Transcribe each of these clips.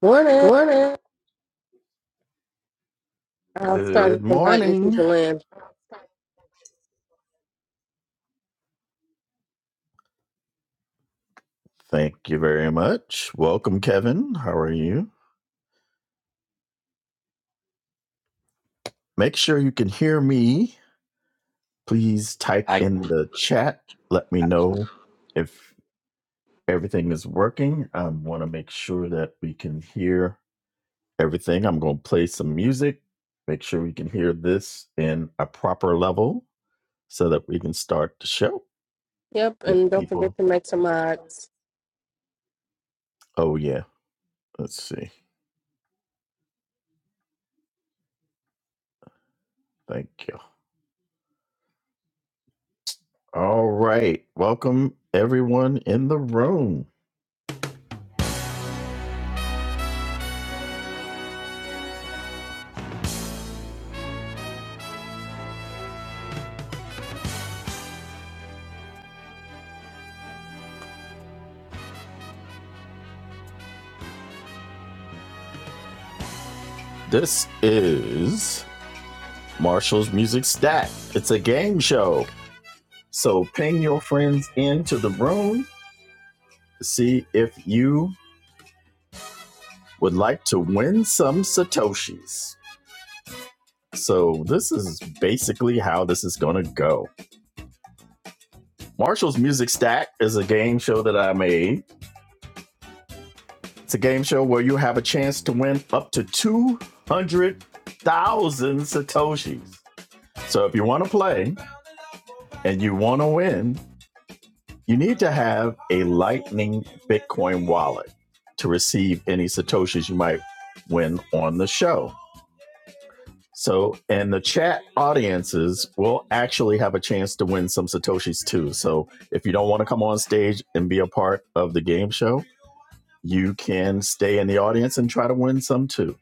Morning. I'll start Good inviting morning. people in. Thank you very much. Welcome, Kevin. How are you? Make sure you can hear me. Please type I in the chat. Let me know if everything is working. I want to make sure that we can hear everything. I'm going to play some music, make sure we can hear this in a proper level so that we can start the show. Yep, If and don't forget people, to make some mods. oh, yeah, let's see. Thank you. All right. Welcome, everyone in the room. This is Marshall's Music Stack. It's a game show. So ping your friends into the room to see if you would like to win some Satoshis. So this is basically how this is going to go. Marshall's Music Stack is a game show that I made. It's a game show where you have a chance to win up to 200,000 Satoshis. So if you want to play and you want to win, You need to have a Lightning Bitcoin wallet to receive any Satoshis you might win on the show. So, and the chat audiences will actually have a chance to win some Satoshis too. So, if you don't want to come on stage and be a part of the game show, you can stay in the audience and try to win some too.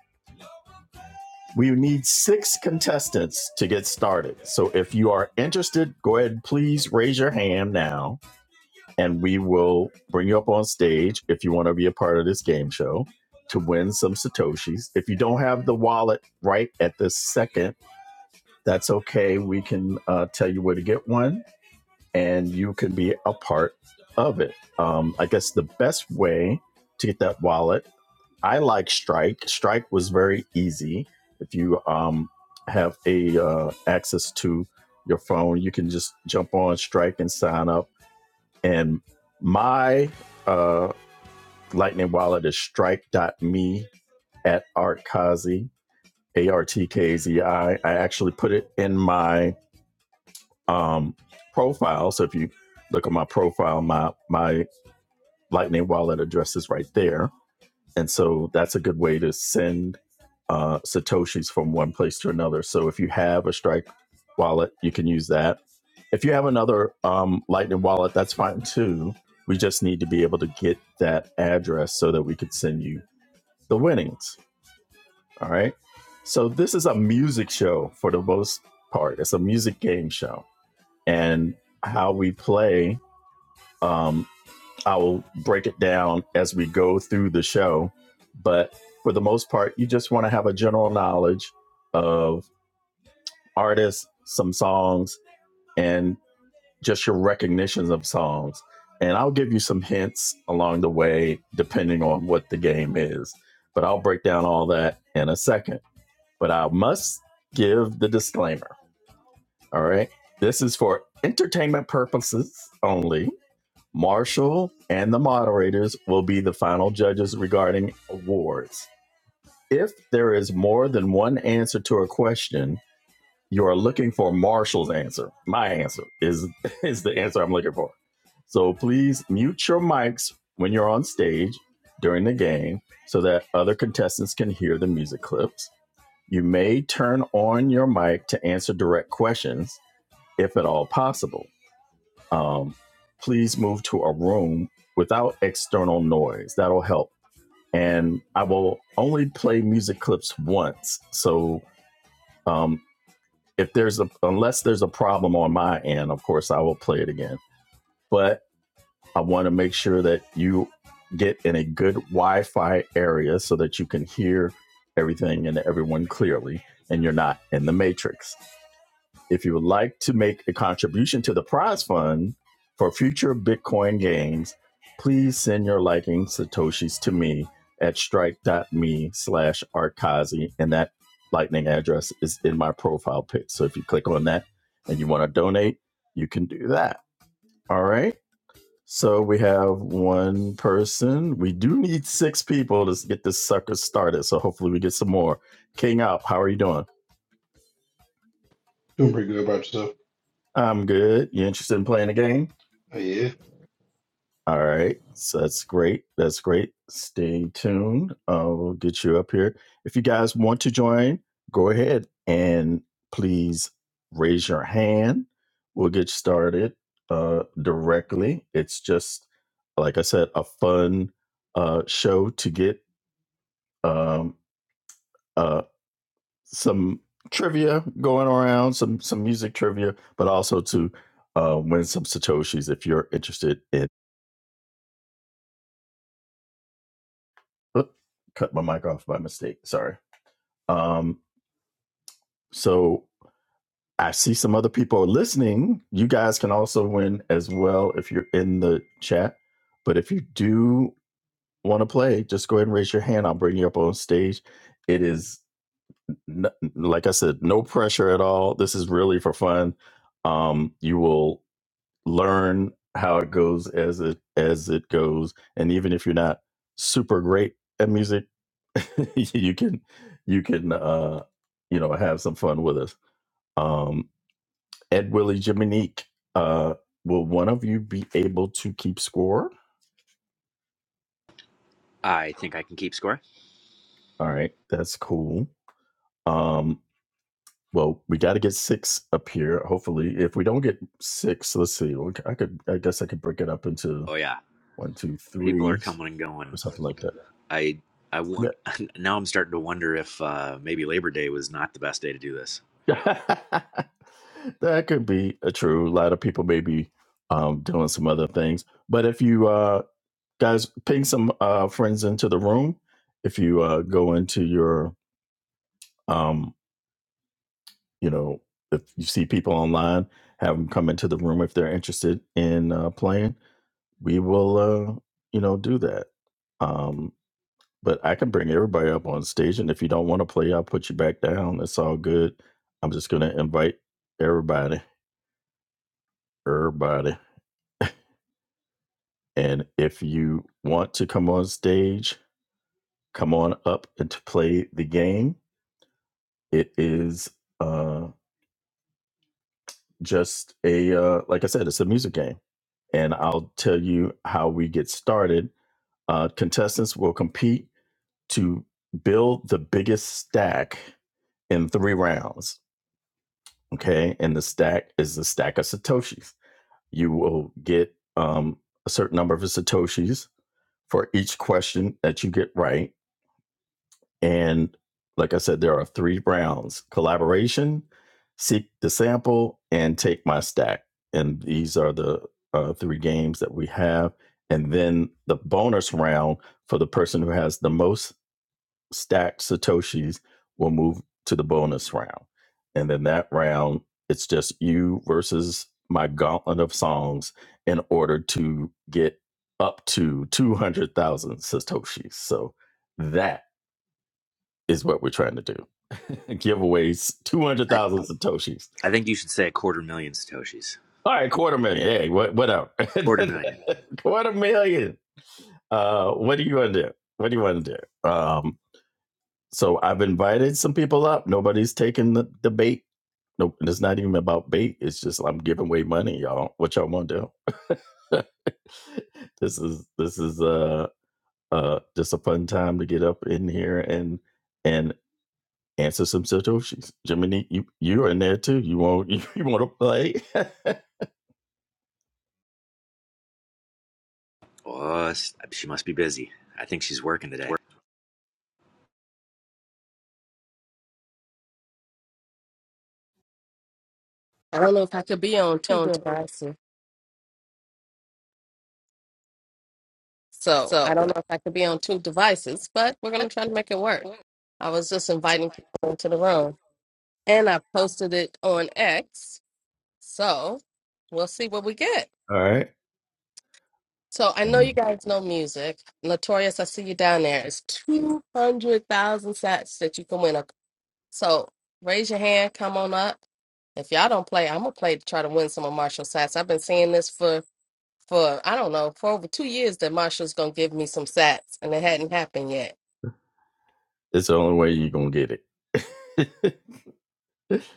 We need six contestants to get started. So, if you are interested, go ahead, please raise your hand now and we will bring you up on stage if you want to be a part of this game show to win some satoshis if you don't have the wallet right at this second that's okay we can uh, tell you where to get one and you can be a part of it um, i guess the best way to get that wallet i like strike strike was very easy if you um, have a uh, access to your phone you can just jump on strike and sign up and my uh, Lightning wallet is strike.me at artkazi, A R T K Z I. I actually put it in my um, profile. So if you look at my profile, my, my Lightning wallet address is right there and so that's a good way to send uh, satoshis from one place to another so if you have a strike wallet you can use that if you have another um, lightning wallet that's fine too we just need to be able to get that address so that we could send you the winnings all right so this is a music show for the most part it's a music game show and how we play um, I will break it down as we go through the show. But for the most part, you just want to have a general knowledge of artists, some songs, and just your recognitions of songs. And I'll give you some hints along the way, depending on what the game is. But I'll break down all that in a second. But I must give the disclaimer. All right. This is for entertainment purposes only Marshall and the moderators will be the final judges regarding awards. If there is more than one answer to a question, you are looking for Marshall's answer. My answer is is the answer I'm looking for. So please mute your mics when you're on stage during the game so that other contestants can hear the music clips. You may turn on your mic to answer direct questions if at all possible um, please move to a room without external noise. That'll help. And I will only play music clips once. So um, if there's a, unless there's a problem on my end, of course, I will play it again. But I want to make sure that you get in a good Wi Fi area so that you can hear everything and everyone clearly and you're not in the matrix. If you would like to make a contribution to the prize fund for future Bitcoin games, please send your liking Satoshis to me at strike.me slash arkazi. And that lightning address is in my profile pic. So if you click on that and you want to donate, you can do that. All right. So we have one person. We do need six people to get this sucker started. So hopefully we get some more. King up. How are you doing? Doing pretty good about yourself. I'm good. You interested in playing a game? Oh, yeah. All right. So that's great. That's great. Stay tuned. Uh, we'll get you up here. If you guys want to join, go ahead and please raise your hand. We'll get started uh, directly. It's just, like I said, a fun uh, show to get um, uh, some trivia going around, some some music trivia, but also to uh, win some satoshis if you're interested in. Oop, cut my mic off by mistake. Sorry. Um, so I see some other people are listening. You guys can also win as well if you're in the chat. But if you do want to play, just go ahead and raise your hand. I'll bring you up on stage. It is, n- like I said, no pressure at all. This is really for fun. Um, you will learn how it goes as it as it goes, and even if you're not super great at music you can you can uh you know have some fun with us um ed willie jiminique uh will one of you be able to keep score I think I can keep score. all right that's cool um well we got to get six up here hopefully if we don't get six let's see we c- i could i guess i could break it up into Oh yeah, one two people are three coming and or going. something like that I I yeah want now. I'm starting to wonder if uh, maybe Labor Day was not the best day to do this. that could be a true a lot of people may be um doing some other things but if you uh guys ping some uh, friends into the room if you uh, go into your um, you know if you see people online have them come into the room if they're interested in uh, playing we will uh, you know do that um, but i can bring everybody up on stage and if you don't want to play i'll put you back down it's all good i'm just going to invite everybody everybody and if you want to come on stage come on up and to play the game it is uh, just a uh, like i said it's a music game and i'll tell you how we get started uh, contestants will compete to build the biggest stack in three rounds okay and the stack is the stack of satoshis you will get um, a certain number of satoshis for each question that you get right And like I said, there are three rounds collaboration, seek the sample, and take my stack. And these are the uh, three games that we have. And then the bonus round for the person who has the most stacked Satoshis will move to the bonus round. And then that round, it's just you versus my gauntlet of songs in order to get up to 200,000 Satoshis. So, that is what we're trying to do. Giveaways, I 200,000 Satoshis. I think you should say a quarter million satoshis. All right, quarter million. Hey, what, whatever. Quarter million. quarter million. Uh, what do you want to do? What do you want to do? Um, so I've invited some people up. Nobody's taking the, the bait. Nope. And it's not even about bait. It's just I'm giving away money, y'all. What y'all want to do? this is this is uh uh just a fun time to get up in here and and Answer some satoshis. Jiminy, you you're in there too. You want you, you want to play? Oh, s- she must be busy. I think she's working today. I don't know if I could be on two devices. So I don't know if I could be on two devices, but we're gonna try to make it work. I was just inviting people into the room. And I posted it on X. So we'll see what we get. All right, So I know you Um, guys know music. Notorious, I see you down there. It's two hundred thousand sats that you can win. So raise your hand, come on up. If y'all don't play, I'm gonna play to try to win some of Marshall's sats. I've been seeing this for for I don't know for over two years that Marshall's gonna give me some sats, and it hadn't happened yet. it's the only way you're gonna get it.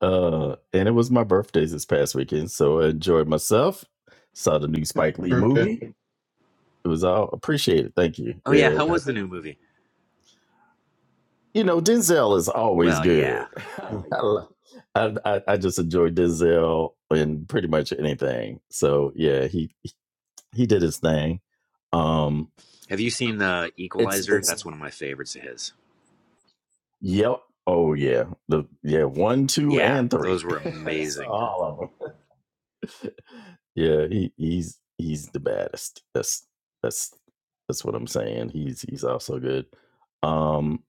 uh, and it was my birthday this past weekend, so I enjoyed myself. Saw the new Spike Lee Perfect. movie. It was all appreciated. Thank you. Oh Yeah, yeah, oh, how yeah. was the new movie? you know Denzel is always Well, yeah. good. I I, I I just enjoy Denzel in pretty much anything. So yeah, he he did his thing. Um, Have you seen the it's Equalizer? it's That's one of my favorites of his. Yep. Oh yeah. The yeah one, two, Yeah, and three. those were Yeah. saw amazing. all of them. Yeah, he, he's he's the baddest. That's that's that's what I'm saying. He's he's also good. Um,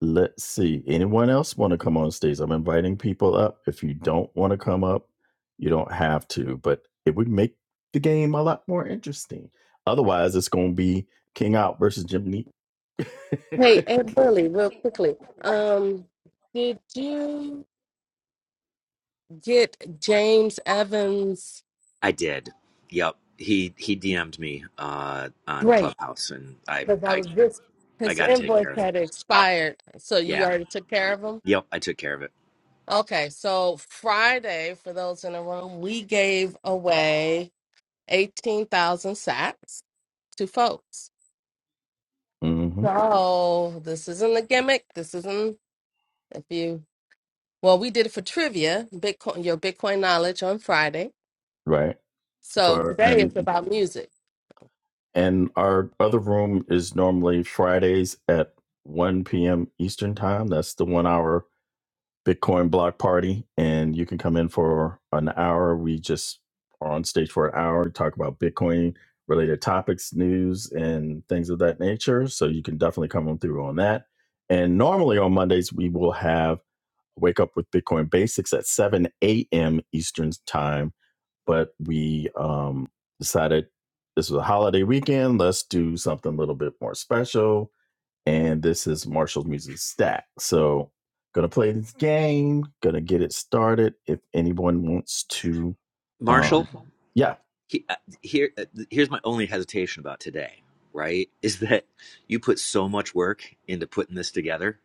let's see. Anyone else want to come on stage? I'm inviting people up. If you don't want to come up, you don't have to. But it would make the game a lot more interesting. Otherwise, it's going to be King Out versus Jimmy. Hey, and Billy, real quickly, um, did you get James Evans' I did. Yep. He he DM'd me uh, on grape? Clubhouse, and I Because I I was just I his got it taken invoice care of. had expired, so you Yeah. already took care of him. Yep. I took care of it. Okay, so Friday, for those in the room, we gave away. 18,000 sacks to folks. hmm So this isn't a gimmick. This isn't if you well, we did it for trivia, Bitcoin your Bitcoin knowledge on Friday. Right. So For today is and about music. And our other room is normally Fridays at 1 p.m. Eastern Time. That's the one hour Bitcoin block party. And you can come in for an hour. We just are on stage for an hour, talk about Bitcoin related topics, news, and things of that nature. So you can definitely come on through on that. And normally on Mondays, we will have Wake Up with Bitcoin Basics at 7 a.m. Eastern Time but we um, decided this was a holiday weekend. Let's do something a little bit more special. And this is Marshall's Music Stack. So, gonna play this game, gonna get it started. If anyone wants to, um, Marshall, yeah, he, uh, here, uh, here's my only hesitation about today, right? Is that you put so much work into putting this together.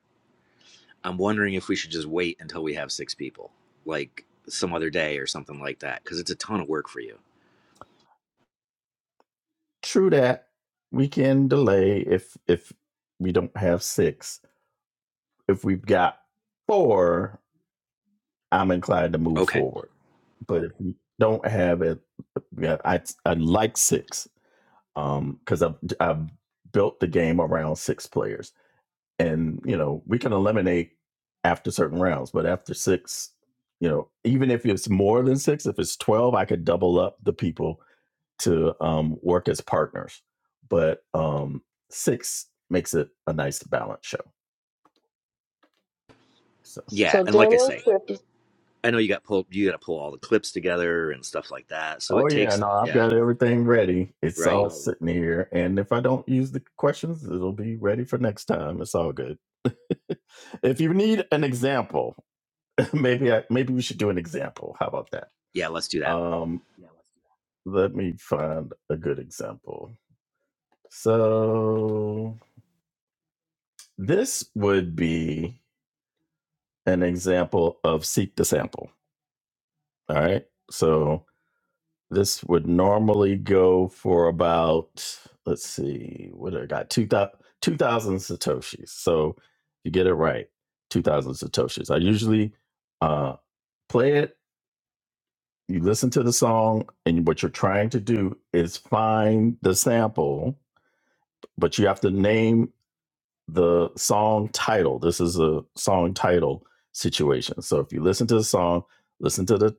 I'm wondering if we should just wait until we have six people, like some other day or something like that, because it's a ton of work for you. true that. We can delay if if we don't have six. If we've got four, I'm inclined to move Okay. forward. But if we don't have it, yeah, I I like six. um because I've, I've built the game around six players and you know we can eliminate after certain rounds but after six you know even if it's more than six if it's 12 i could double up the people to um work as partners but um six makes it a nice balance show so Yeah. So And like I Daniel's say, I know you got pulled, you got to pull all the clips together and stuff like that. So oh it yeah takes, no i've yeah. got everything ready it's Right. all sitting here and if i don't use the questions it'll be ready for next time it's all good if you need an example maybe I, maybe we should do an example. How about that? Yeah. Let's do that. Um, let me find a good example. So this would be an example of seek the sample. All right. So this would normally go for about let's see what I got 2000, satoshis. So you get it right, two thousand satoshis. I usually uh, play it you listen to the song and what you're trying to do is find the sample but you have to name the song title this is a song title situation so if you listen to the song listen to the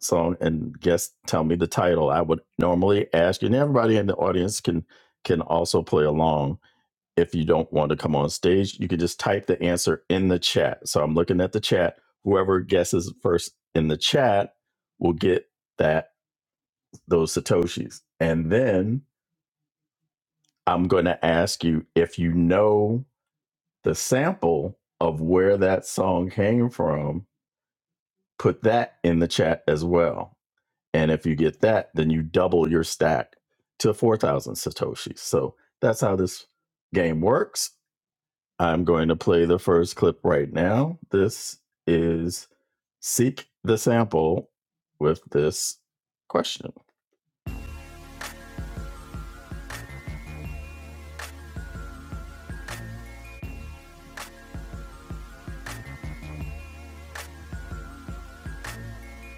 song and guess tell me the title i would normally ask you and everybody in the audience can can also play along if you don't want to come on stage you can just type the answer in the chat so i'm looking at the chat whoever guesses first in the chat will get that those satoshis and then i'm going to ask you if you know the sample of where that song came from put that in the chat as well and if you get that then you double your stack to 4000 satoshis so that's how this game works i'm going to play the first clip right now this is seek the sample with this question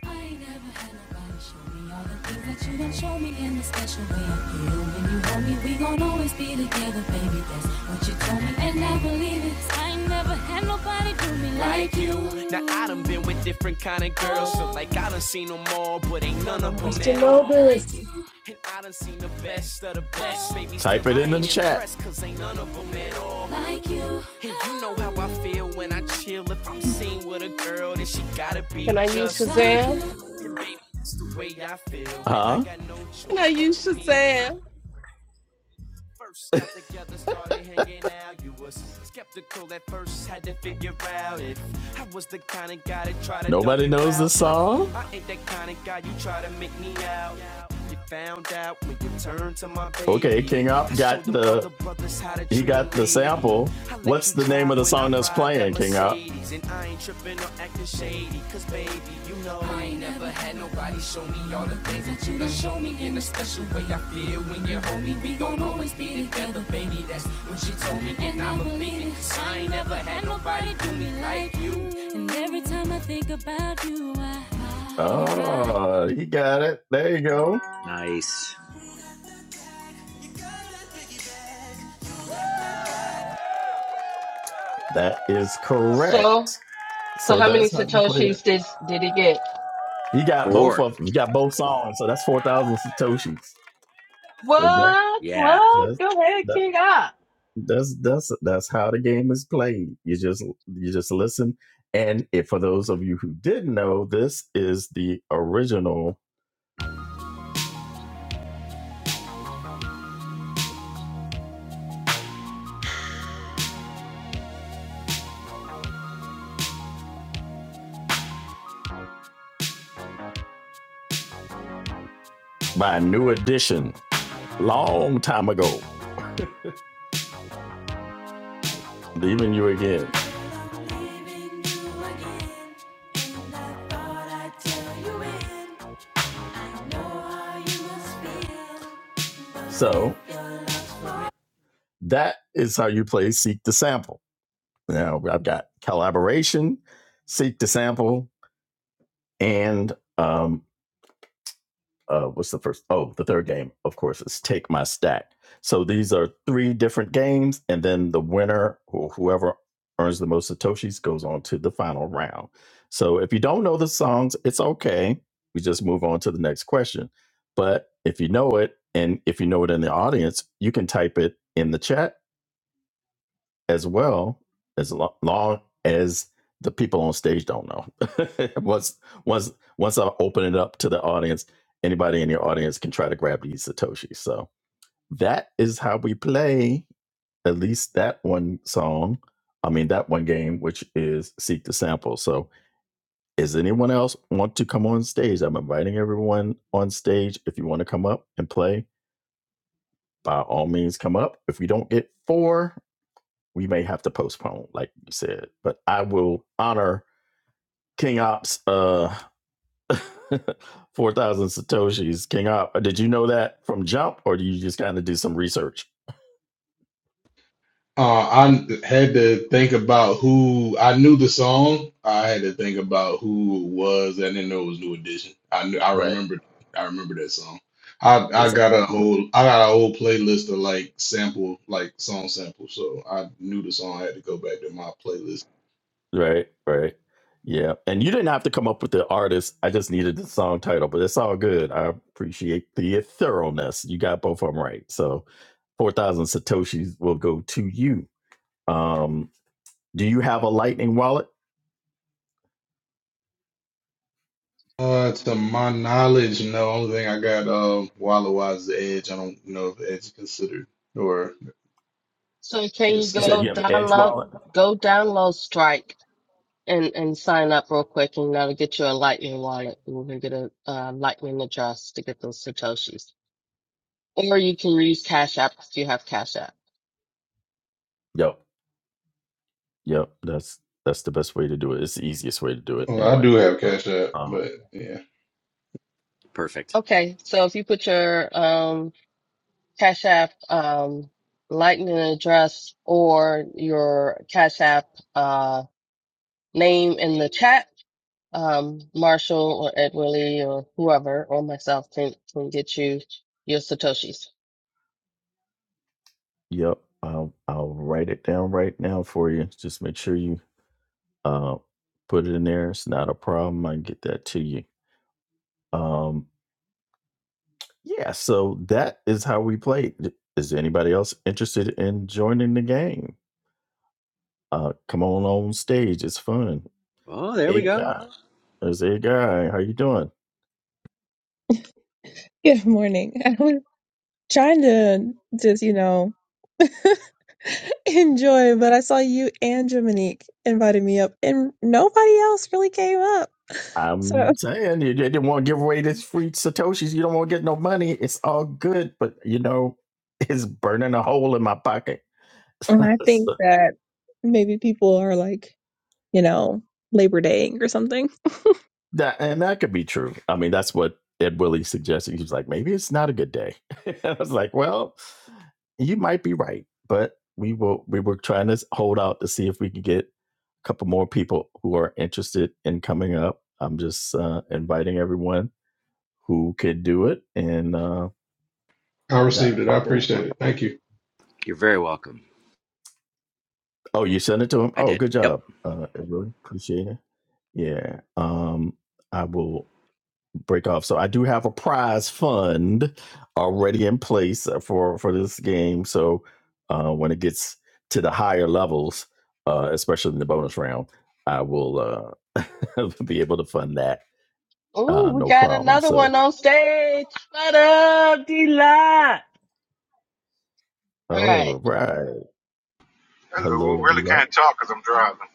I ain't never had nobody show me all the things that you done show me in the special way I feel when you hold me. We gon' always be together, baby. That's what you told me, and I believe it. 'Cause I ain't never had nobody do me like you. Now I done been with different kind of girls, so like I done seen them all, but ain't none of Oh, I them should at know all. Like this. you. And I done seen the best of the best, baby. Type it in the chat. cause ain't none of them at all. like you. And you know how I feel when I chill if I'm seen with a girl, then she gotta be Can I use just like you. Shazam? And baby, that's the way I feel. Huh? I got no Can I choice but use for me to keep. Shazam? First got together, started hanging out. You was skeptical at first, had to figure out if I was the kind of guy that try to. Nobody knows the song? I ain't that kind of guy you try to make me out. found out when you turned to my baby. Okay, King Op got the- He got the sample. What's the name of the song that's playing, King Up? Ain't tripping or acting shady, cause baby, you know I ain't never had nobody show me all the things that you done show me in a special way. I feel when you hold me, we gon' always be together, baby. That's what you told me, and I believe it. 'Cause I ain't never had nobody do me like you. And every time I think about you, I. Oh, he got it. There you go. Nice. That is So correct. so So how many that's how you play that. satoshis did did he get? You got both Four. of them. You got both songs. So that's four thousand satoshis. So that What Yeah. what? that's Go ahead, that. King up. That's that's that's how the game is played. You just you just listen. And if for those of you who didn't know, this is the original by New Edition, long time ago. Leaving you again. So that is how you play Seek the Sample. Now I've got collaboration, Seek the Sample, and um. uh, what's the first? Oh, the third game, of course, is Take My Stack. So these are three different games, and then the winner or whoever earns the most Satoshis goes on to the final round. So if you don't know the songs, it's okay. We just move on to the next question. But if you know it, and if you know it in the audience, you can type it in the chat as well as lo- long as the people on stage don't know. once once once I open it up to the audience, anybody in your audience can try to grab these satoshis. So that is how we play at least that one song. I mean that one game, which is seek the sample. So, is anyone else want to come on stage? I'm inviting everyone on stage. If you want to come up and play, by all means, come up. If we don't get four we may have to postpone, like you said. But I will honor King Ops uh four thousand Satoshis. King Op. uh, Did you know that from jump or do you just kind of do some research? Uh, I had to think about who I knew the song. I had to think about who it was. I didn't know it was New Edition. I knew, I Right. remembered. I remember that song. I I It's a, got a whole I got a whole playlist of like sample like song samples. So I knew the song. I had to go back to my playlist. right, right. Yeah. And you didn't have to come up with the artist. I just needed the song title, but it's all good. I appreciate the thoroughness. You got both of them right. So four thousand Satoshis will go to you. Um, do you have a lightning wallet? Uh, to my knowledge, no. Only thing I got um Walla Wide's The Edge. I don't know if Edge is considered or So can this you You stuff. said go you have an edge download wallet? go download Strike and and sign up real quick and that'll get you a Lightning wallet. and You can get a uh, Lightning address to get those satoshis, or you can use Cash App if you have Cash App. Yep. Yep, that's that's the best way to do it. It's the easiest way to do it Well, I anyway. do have Cash App, Um, but yeah, Perfect. Okay, so if you put your um Cash App um Lightning address or your Cash App uh name in the chat. Um, Marshall or Ed Willie or whoever or myself can, can get you your Satoshis. yep, I'll I'll write it down right now for you. Just make sure you uh put it in there. It's not a problem. I can get that to you. Um, yeah, so that is how we play. D- Is anybody else interested in joining the game? Uh, come on on stage. It's fun. Oh, there we Hey go. guy, there's a guy. How you doing? Good morning. I was trying to just, you know, enjoy, but I saw you and Dominique invited me up, and nobody else really came up. So I'm saying you didn't want to give away this free Satoshis. You don't want to get no money. It's all good, but you know, it's burning a hole in my pocket. and I think So that maybe people are like, you know, Labor Daying or something. that and that could be true. I mean, that's what Ed Willie suggested. He was like, maybe it's not a good day. I was like, well, you might be right, but we will we were trying to hold out to see if we could get a couple more people who are interested in coming up. I'm just uh, inviting everyone who could do it and uh I received that's it. I working out. appreciate it. Thank you. You're very welcome. Oh, you sent it to him? I Oh, did. good Yep. job. Uh Evelyn. Appreciate it. Yeah. Um, I will break off. So I do have a prize fund already in place uh, for for this game. So uh when it gets to the higher levels, uh, especially in the bonus round, I will uh be able to fund that. Ooh, Uh we no got problem. another one So on stage. What up, D Lot? All right. oh right. Hello. Hello, do Really you like can't talk 'cause I'm driving.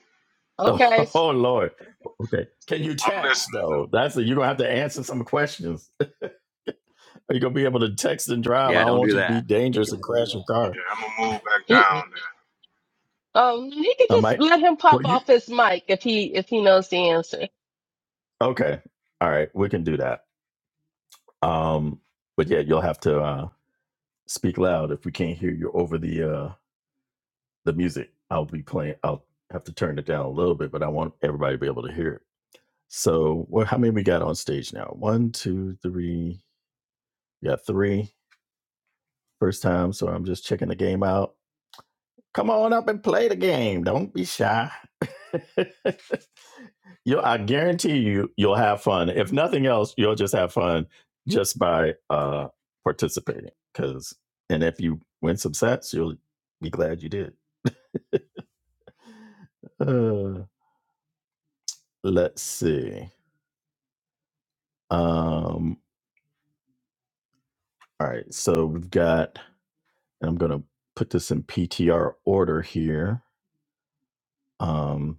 Okay. oh, oh Lord. Okay. Can you I'm text listening though. though? That's it. You're gonna have to answer some questions. Are you gonna be able to text and drive. I Yeah, don't don't want do you to be that. dangerous and crash your car. Yeah, I'm gonna move back He down there. um he could I just might. let him pop Well, you off his mic if he if he knows the answer. okay? All right, we can do that. Um, but yeah, you'll have to uh, speak loud if we can't hear you over the uh, the music. I'll be playing. I'll have to turn it down a little bit, but I want everybody to be able to hear it. So, what? How many we got on stage now? One, two, three. We got three first time. So I'm just checking the game out. Come on up and play the game. Don't be shy. you I guarantee you you'll have fun. If nothing else, you'll just have fun just by uh participating. Cause and if you win some sets, you'll be glad you did. uh, let's see. Um all right, so we've got and I'm gonna put this in PTR order here. Um,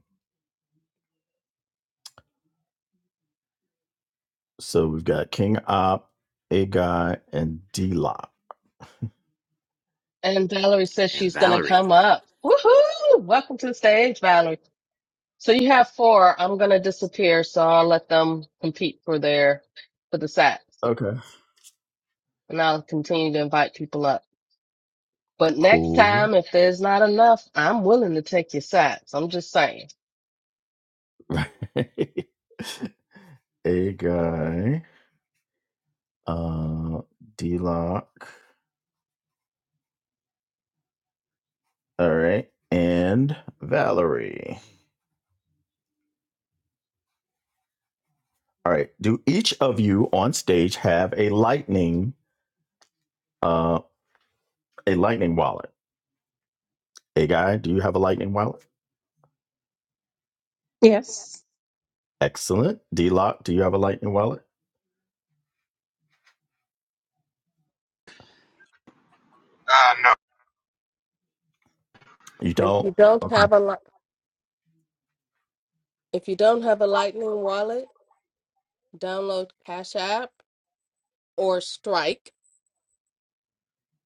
So we've got King Op, A Guy, and D Lock. And Valerie says And she's gonna Valerie. come up. Woohoo! Welcome to the stage, Valerie. So you have four. I'm gonna disappear, so I'll let them compete for their for the sack. Okay. and I'll continue to invite people up. But next Cool. time, if there's not enough, I'm willing to take your sides. I'm just saying. A Guy, uh, D Lock. All right. And Valerie. All right. Do each of you on stage have a lightning uh a lightning wallet? A guy, do you have a lightning wallet? Yes. Excellent. D Lock, do you have a lightning wallet? Uh, no. You If don't? you don't Okay. have a li- if you don't have a Lightning wallet, download Cash App or Strike,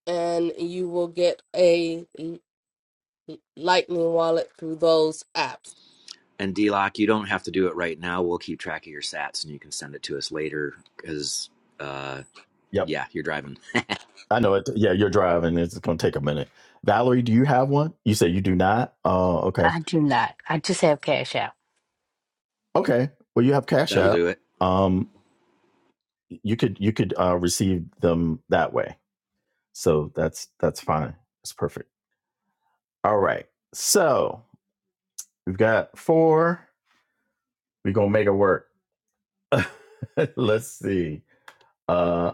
and you will get a Lightning wallet through those apps. And D Lock, you don't have to do it right now. We'll keep track of your sats and you can send it to us later because, uh, Yep. yeah, you're driving. I know it. Yeah, you're driving. It's going to take a minute. Valerie, do you have one? You say you do not. Oh, okay. I do not. I just have Cash App. Okay. Well, you have Cash That'll App. do it. Um, you could you could uh, receive them that way. So that's that's fine. That's perfect. All right. So we've got four. We're gonna make it work. Let's see. Uh,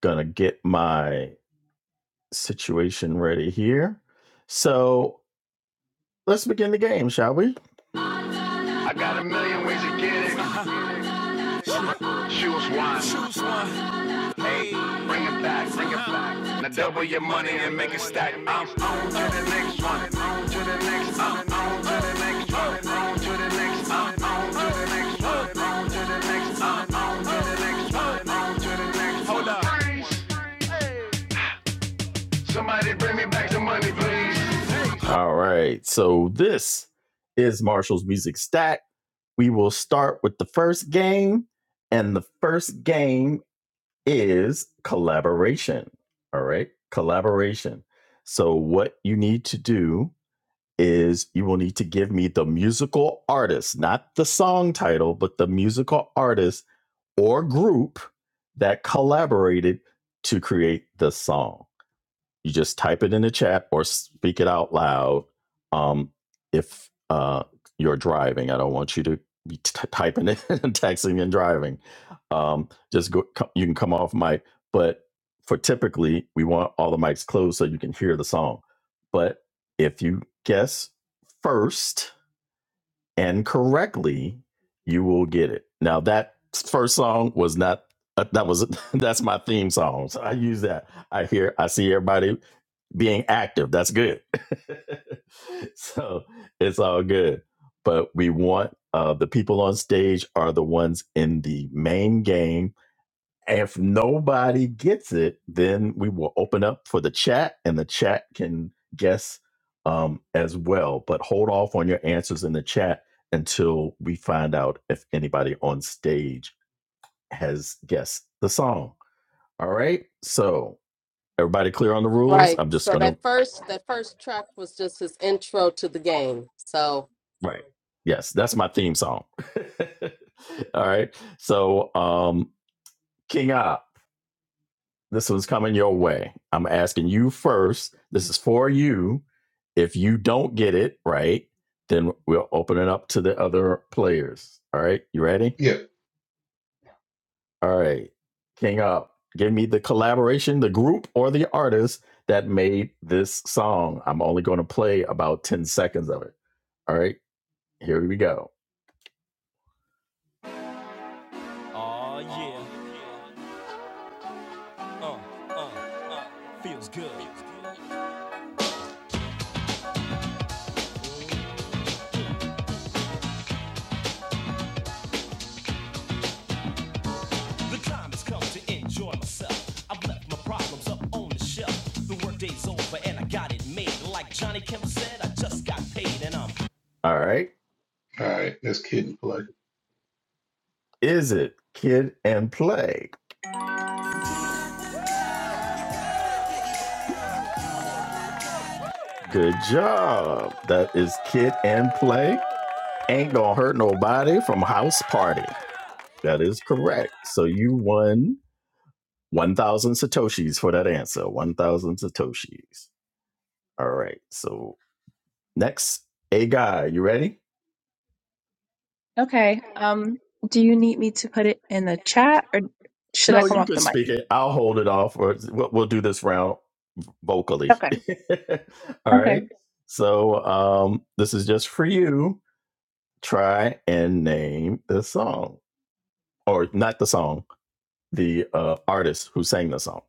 gonna get my situation ready here. So let's begin the game, shall we? I got a million ways to get it. Choose one. Hey, bring it back, bring it back. Now double your money and make it stack. I'm on to the next one. On to the next. i on to the next one. On to the next. i on to the next one. On to the next. i on to the next one. On to the next. one. Hold up. Somebody bring me back the money, please. All right. So this is Marshall's Music Stack. We will start with the first game. And the first game is collaboration. All right, collaboration. So, what you need to do is you will need to give me the musical artist, not the song title, but the musical artist or group that collaborated to create the song you just type it in the chat or speak it out loud um, if uh, you're driving i don't want you to be t- typing it and texting and driving um, just go co- you can come off mic but for typically we want all the mics closed so you can hear the song but if you guess first and correctly you will get it now that first song was not uh, that was that's my theme song so i use that i hear i see everybody being active. That's good. so it's all good. But we want uh, the people on stage are the ones in the main game. If nobody gets it, then we will open up for the chat and the chat can guess um, as well. But hold off on your answers in the chat until we find out if anybody on stage has guessed the song. All right. So everybody clear on the rules? Right. I'm just So going to that first that first track was just his intro to the game. So Right. Yes, that's my theme song. All right. So, um, King Op, this one's coming your way. I'm asking you first. This is for you. If you don't get it right, then we'll open it up to the other players. All right. You ready? Yep. All right. King Op, give me the collaboration, the group, or the artist that made this song. I'm only going to play about 10 seconds of it. All right. Here we go. Oh yeah. Uh, uh, uh, feels good. The time has come to enjoy myself. I've left my problems up on the shelf. The workday's over and I got it made. Like Johnny Kemp said, I just got paid and I'm All right. All right. That's kid play. Is it Kid and Play? Good job. That is Kid and Play. Ain't gonna hurt nobody from House Party. That is correct. So you won 1,000 Satoshis for that answer. 1,000 Satoshis. All right. So Next, a guy. You ready? Okay. Um, do you need me to put it in the chat or should I No, come you off can the mic? speak it. I'll hold it off, or we'll, we'll do this round vocally. Okay. All Okay. right. So um, this is just for you. Try and name the song, or not the song, the uh, artist who sang the song.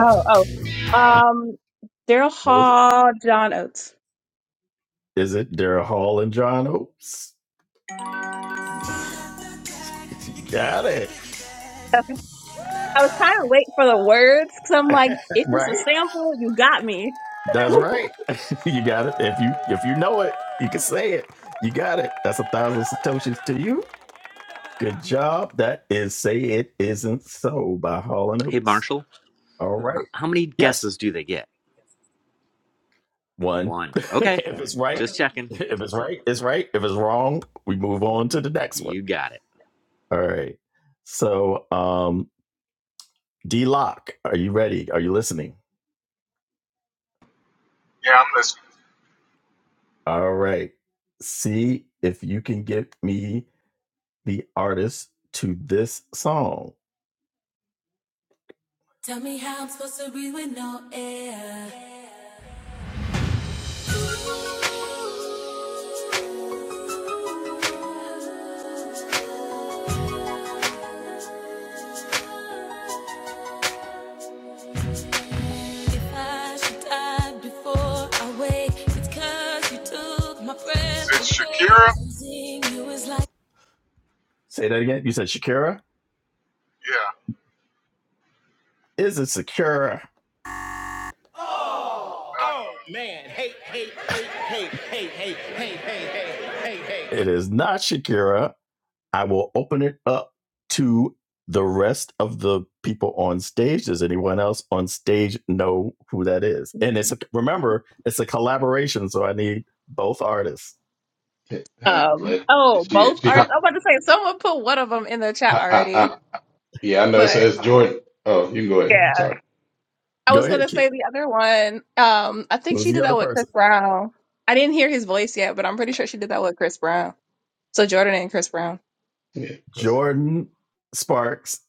Oh, oh. Um, Daryl What was it? Hall, John Oates. Is it Daryl Hall and John Oates? Got it I was trying to wait for the words because I'm like, if it's a right. sample, you got me. That's right. you got it. If you if you know it, you can say it. You got it. That's a thousand satoshis to you. Good job. That is Say It Isn't So by Hall and Hey, Oates. Marshall, All h- right. how many Yes. guesses do they get? One. One. if Okay. it's right, Just checking. if it's right, it's right. If it's wrong, we move on to You the next one. you got it. All right. So um D Lock, are you ready? Are you listening? Yeah, I'm listening. All right. See if you can get me the artist to this song. Tell me how I'm supposed to breathe with no air. Is it Shakira? like- Say that again. You said Shakira? Yeah. Is it Shakira? Uh, It is not Shakira. I will open it up to the rest of the people on stage. Does anyone else on stage know who that is? And it's a, remember, it's a collaboration, so I need both artists. Uh, Um, let oh, she both she I, artists. I am about to say someone put one of them in the chat I, already, I, yeah. I know but So it's Jordan. Oh, you can go yeah, ahead. Sorry. I Go was ahead, gonna say Keith. the other one. Um, I think Who's she the did that other with Chris person? Brown. I didn't hear his voice yet, but I'm pretty sure she did that with Chris Brown. So Jordan and Chris Brown. Yeah. That's it. Jordan Sparks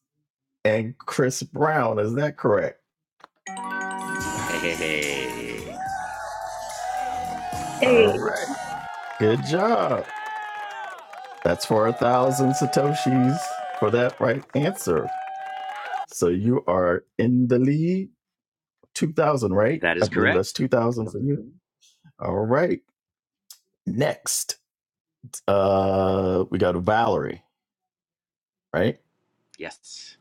and Chris Brown. Is that correct? Hey, hey, hey. All Hey. right. Good job. That's for a thousand satoshis for that right answer. So you are in the lead. Two thousand, right? That I is believe that's correct. two thousand for you. All right. Next, uh, we got Valerie. Right? Yes.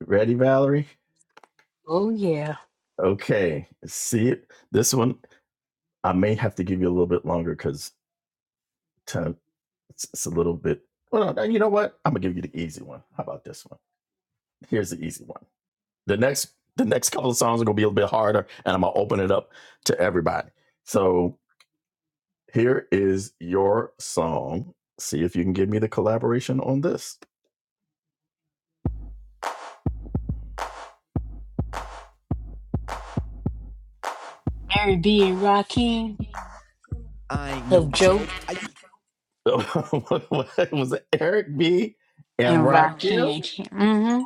Ready, Valerie? Oh yeah, Okay. See it. This one I may have to give you a little bit longer because time it's, it's a little bit. Well, no, you know what? I'm gonna give you the easy one. How about this one? Here's the easy one. The next, the next couple of songs are gonna be a little bit harder, and I'm gonna open it up to everybody. So here is your song. See if you can give me the collaboration on this. Mary B and Rakim of Joke Was it Eric B and and Rakim. Rakim? Mm-hmm.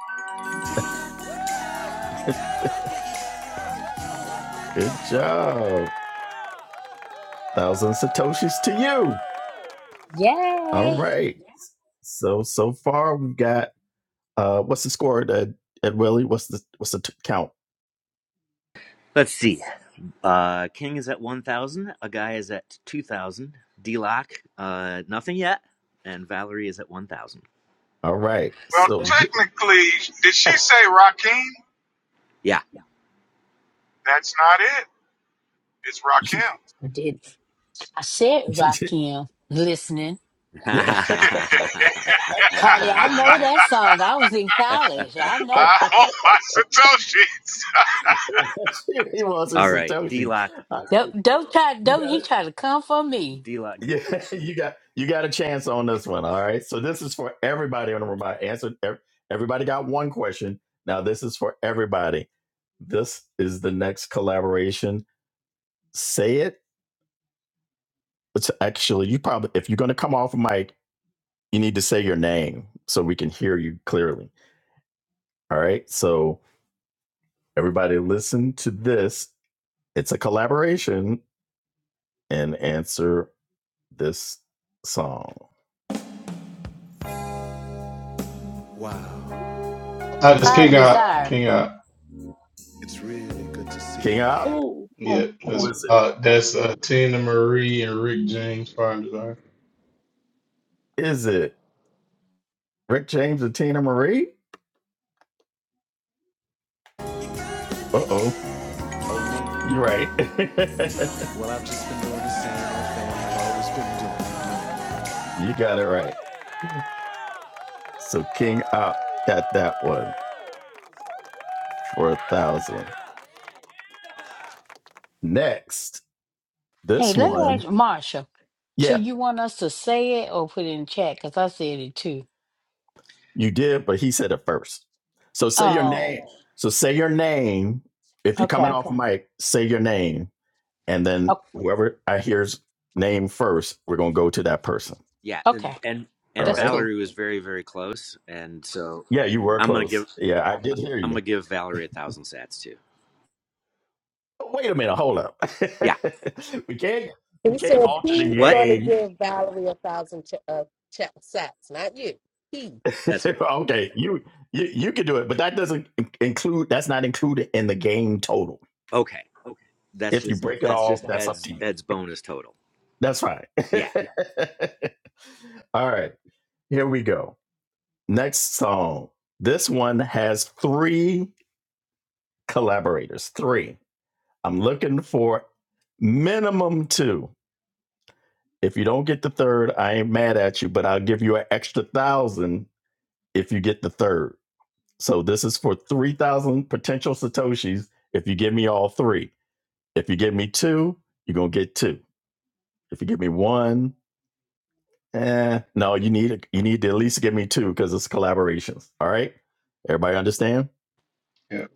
Good job. Thousand Satoshis to you. All Yay! right. So so far we got uh what's the score at at Willie? What's the what's the t- count? Let's see. Uh, King is at 1,000. A guy is at 2,000. D Lock, uh, nothing yet. And Valerie is at 1,000. All right. well, So technically, did she say Rakim? Yeah. That's not it. It's she, Rakim. I did. I said she, she, Rakim listening. yeah. Yeah. Honey, I know that song. I was in college. I know. I oh my Satoshi. she wants her All right. D Satoshi. Lock, All right. Don't don't Well, try. you Don't got he try to come for me? D Lock. Yeah, you got you got a chance on this one. All right. So this is for everybody on the room. I answered ev- everybody got one question. Now this is for everybody. This is the next collaboration. Say it. It's actually you probably if you're gonna come off mic, you need to say your name so we can hear you clearly. All right. So everybody listen to this. It's a collaboration and answer this song. Uh, that's Fire King and out. desire. King out. King up. Oh. Yeah. Oh. Who oh. That's is it? uh that's uh Tina Marie and Rick James Fire Desire. Is it Rick James and Tina Marie? Uh oh. You're right. you got it right. So King Op got that one for a thousand. Next, Hey, this let me ask one. Marsha. So Yeah, you want us to say it or put it in chat? Cause I said it too. you did, but he said it first. So say your Oh, name. So say your name. If you're coming okay. off mic, say your name. And then O- whoever I hear's name first, we're going to go to that person. Yeah. And, Okay, and, All and that's right. cool. Valerie was very, very close. And so Yeah, you were I'm going to close. give, Yeah, I did hear you. I'm going to give Valerie a thousand sats too. Wait a minute, hold up. Yeah. we can't we he can't said alter the he's What? going to game. give Valerie a thousand ch- uh, ch- sacks, not you. He. That's right. okay, you, you you can do it, but that doesn't in- include that's not included in the game total. Okay. That's If you just, break it that's off, just that's up to Ed's, you. Ed's bonus total. That's fine. Yeah. All right, here we go. Next song. This one has three collaborators. Three. I'm looking for minimum two. If you don't get the third, I ain't mad at you, but I'll give you an extra thousand if you get the third. So this is for 3,000 potential Satoshis if you give me all three. If you give me two, you're going to get two. If you give me one, eh, no, you need you need to at least give me two because it's collaborations. All right? Everybody understand? Yeah.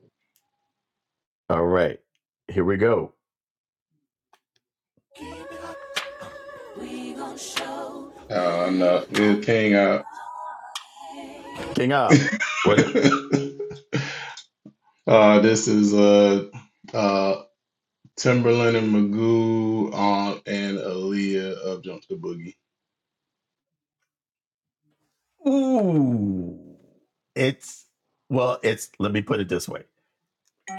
All right. Here we go. Uh no, it's King out. King up. What it uh this is uh uh Timberland and Magoo on and Aaliyah of Jump the Boogie. Ooh. It's well, it's let me put it this way.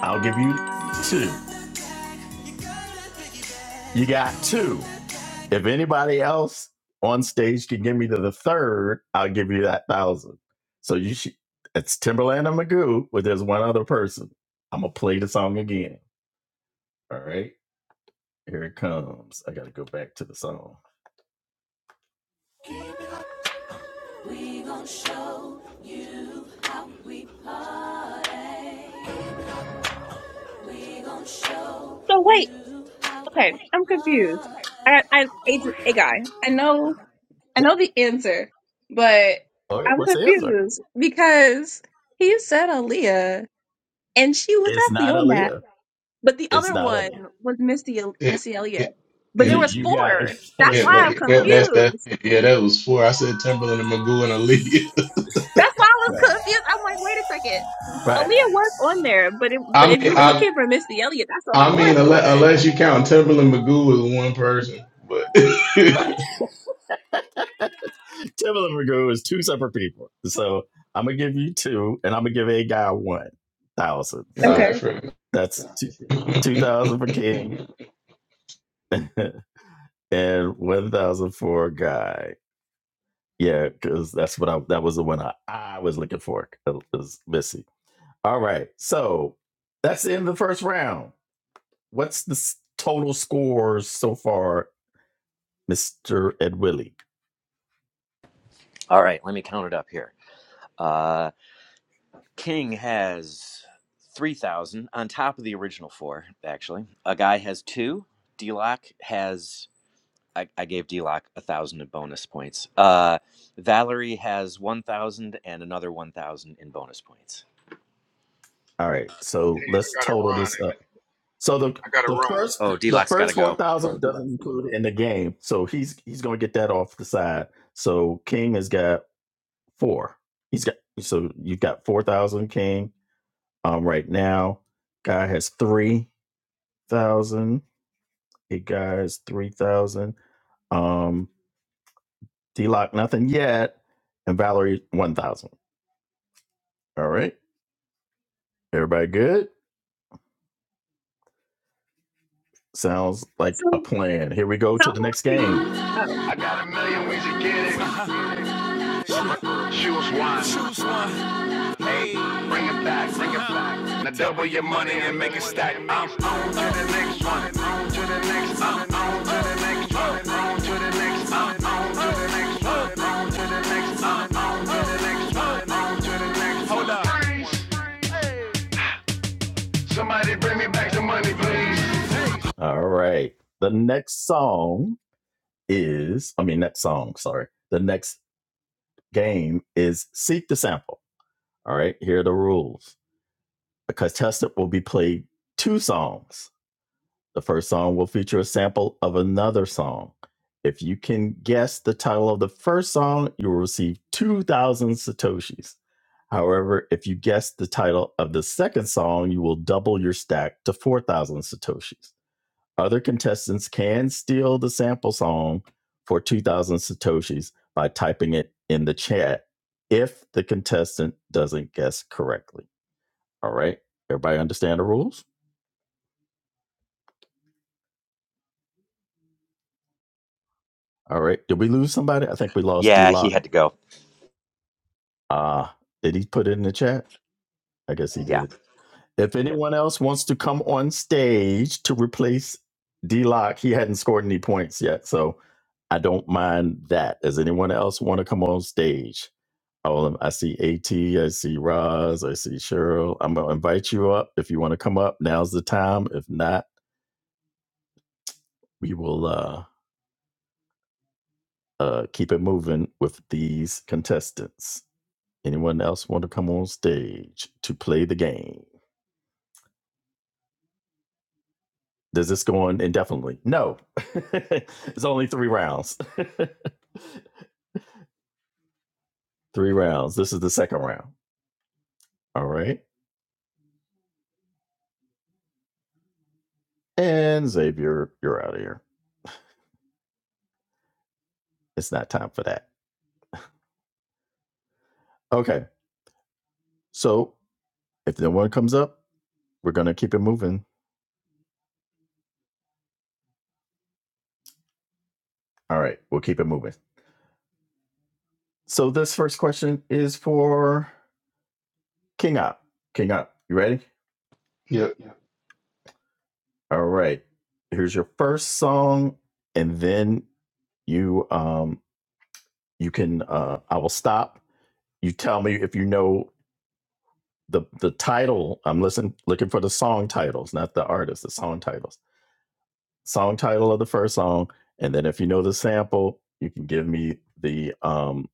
I'll give you two. You got two. If anybody else on stage can give me to the third, I'll give you that thousand. So you should. It's Timberland and Magoo, but there's one other person. I'm gonna play the song again. All right, here it comes. I gotta go back to the song. We gonna show So wait. you how Okay, I'm confused. hard. I I it's a guy. I know I Yeah. know the answer, but All right, I'm what's the answer? confused because he said Aaliyah and she was It's definitely not on that. Aaliyah. But the It's other not one Aaliyah. was Missy It Missy Elliott. it But it there You, was was you got it. four. That's That's yeah, right. why but I'm it- that, that's that confused. yeah, that was four. I said Timberland and Magoo and Aaliyah. That's why I was Right. confused. I'm like, wait a second. Right. Aaliyah was on there, but, it, I but if you mean were I looking for Missy Elliott, that's a I mean fourth unless, one. unless you count Timberland and Magoo as one person, but Right. Timberland and Magoo is two separate people. So I'm gonna give you two, and I'm gonna give a guy one thousand. all So right, Okay. fair that's two, enough. two thousand for King and one thousand for guy. Yeah, because that's what I that was the one I, I was looking for. It was Missy. All right, so that's the end of the first round. What's the s- total scores so far, Mister Ed Willie? All right. Let me count it up here. Uh. King has 3,000 on top of the original four, actually. A guy has two. D Lock has, I, I gave D Lock 1,000 in bonus points. Uh, Valerie has 1,000 and another 1,000 in bonus points. All right, so hey, let's I gotta total run. this up. So the I gotta the run. first Oh, D the Lock's got to first four go. thousand doesn't include in the game. So he's he's gonna get that off the side. So King has got four. He's got so you've got four thousand King um right now. Guy has three thousand. A guy has three thousand. Um D Lock nothing yet. And Valerie one thousand. All right. Everybody good? Sounds like a So plan. Here we go how to the long next do you? game. Oh, I got a million ways to get it. Choose one. Hey, bring it back, bring it back. Now double your money and make it stack. I'm on to the next one, on to the next, i on to the next one, on to the next, i on to the next one, on to the next, i on to the next one, on to the next. one. Hold up. Somebody bring me back the money, please. All right. The next song is, I mean, next song, sorry. The next game is Seek the Sample. All right. Here are the rules. The contestant will be played two songs. The first song will feature a sample of another song. If you can guess the title of the first song, you will receive 2,000 Satoshis. However, if you guess the title of the second song, you will double your stack to 4,000 Satoshis. Other contestants can steal the sample song for 2,000 Satoshis by typing it in the chat if the contestant doesn't guess correctly. All right. Everybody understand the rules? All right. Did we lose somebody? I think we lost D Yeah, he Lock. had to go. Uh, did he put it in the chat? I guess he Yeah. did. If anyone else wants to come on stage to replace D Lock, he hadn't scored any points yet. So I don't mind that. Does anyone else want to come on stage? All of, I see AT, I see Roz, I see Cheryl. I'm going to invite you up. If you want to come up, now's the time. If not, we will uh, uh, keep it moving with these contestants. Anyone else want to come on stage to play the game? Does this go on indefinitely? No. it's only three rounds. three rounds. This is the second round. All right. And Xavier, you're out of here. It's not time for that. Okay. So if no one comes up, we're going to keep it moving. All right. We'll keep it moving. So this first question is for King Up. King Up, you ready? Yep. All right. Here's your first song. And then you um you can uh i will stop you tell me if you know the the title i'm listening looking for the song titles not the artist the song titles song title of the first song and then if you know the sample you can give me the um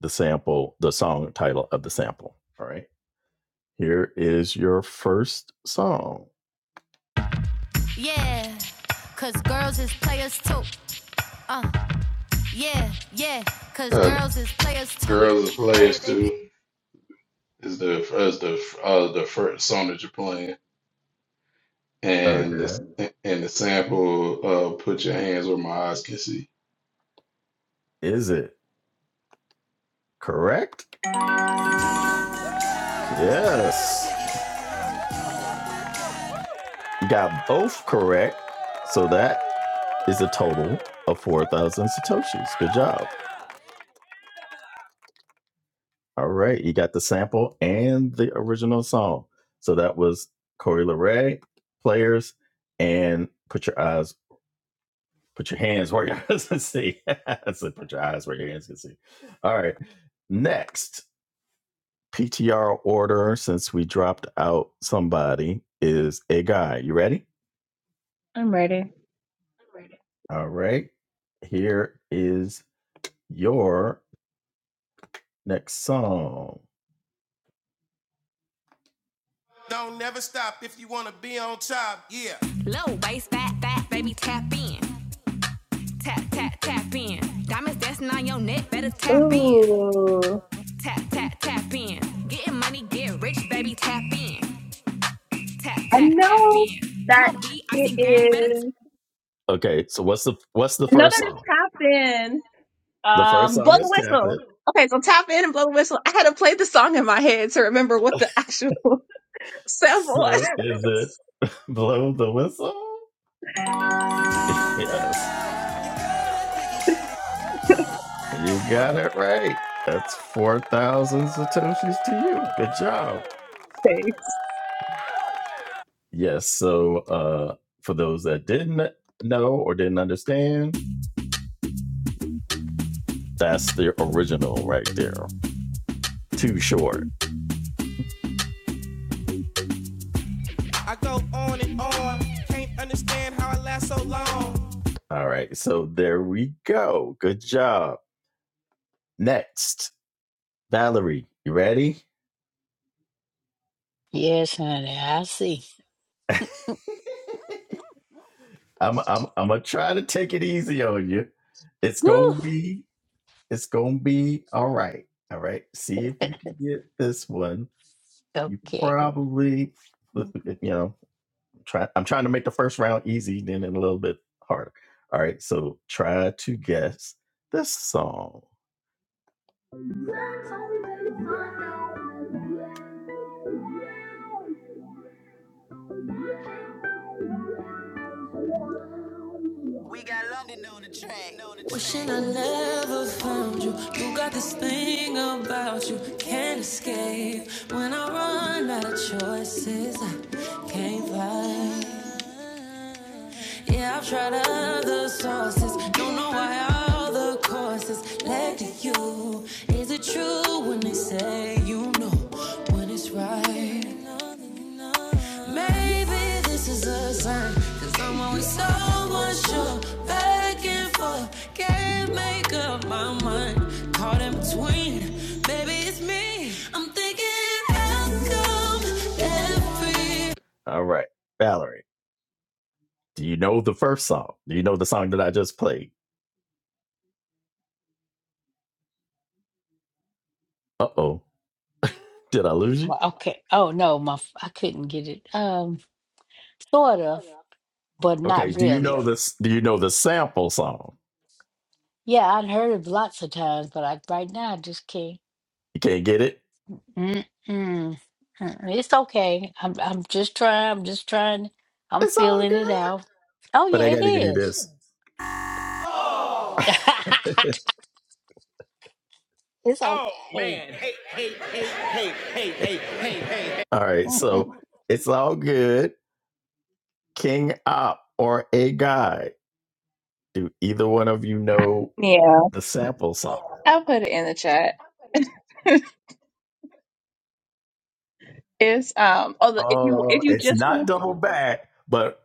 the sample the song title of the sample all right here is your first song Yeah, cause girls is players too. Uh, yeah, yeah, cause Uh, girls is players too. Girls and Keep it Players playing, baby. too is the is the uh, the first song that you're playing, and okay the, and the sample uh, "Put Your Hands Where My Eyes Can See." is it correct Yes. You got both correct. So that is a total of 4,000 Satoshis. Good job. All right. You got the sample and the original song. So that was Corey LeRae, players, and put your eyes, put your hands where your eyes can see. I said, put your eyes where your hands can see. All right. Next PTR order, since we dropped out somebody, is a guy. You ready? I'm ready. All right. Here is your next song. Low waist, fat, fat, baby, tap in. Tap, tap, tap in. Diamonds dancing on your neck, better tap in. ooh. Tap, tap, tap in. Getting money, get rich, baby, tap in. Tap, I tap, tap know in. that MOB, it icy gang, better tap is. in. Okay, so what's the what's the I know first that it's song? tap in. The first Um, blow song the is Tap whistle. It. Okay, so tap in and blow the whistle. I had to play the song in my head to remember what the actual. Several. So is it Blow the Whistle? Yes. You got it right. That's 4,000 Satoshis to you. Good job. Thanks. Yes. So, uh, for those that didn't know or didn't understand, that's the original right there. Too short. I go on and on. Can't understand how I last so long. All right. So, there we go. Good job. Next, Valerie, you ready? Yes, honey, I see. I'm, I'm, I'm going to try to take it easy on you. It's going Woo! to be, it's going to be all right. All right. See if you can get this one. You Okay. probably, you know, try. I'm trying to make the first round easy, then a little bit harder. All right, so try to guess this song. Wishing I never found you. You got this thing about you, can't escape. When I run out of choices, I can't fight. Yeah, I've tried other sources. Don't know why all the courses led to you. Is it true when they say you know? when it's right. Maybe this is a sign, i I'm always so unsure. Back and forth, can't make up my mind. Caught in between, maybe it's me. I'm thinking, how come every all right, Valerie, do you know the first song? Do you know the song that I just played? Uh oh, did I lose you? Well, okay. Oh no, my f- I couldn't get it. Um, sort of, but Okay, not do you really. know this? Do you know the sample song? Yeah, I'd heard it lots of times, but I right now I just can't. You can't get it? Mm-mm. Mm-mm. It's okay. I'm I'm just trying. I'm just trying. I'm It's all feeling it good. out. Oh but I yeah, it got to give you is. this. All it's okay. right, so it's all good. King op or a guy? Do either one of you know Yeah, the sample song? I'll put it in the chat. It's um. Oh, the, if you if Oh, you it's just not want. double back, but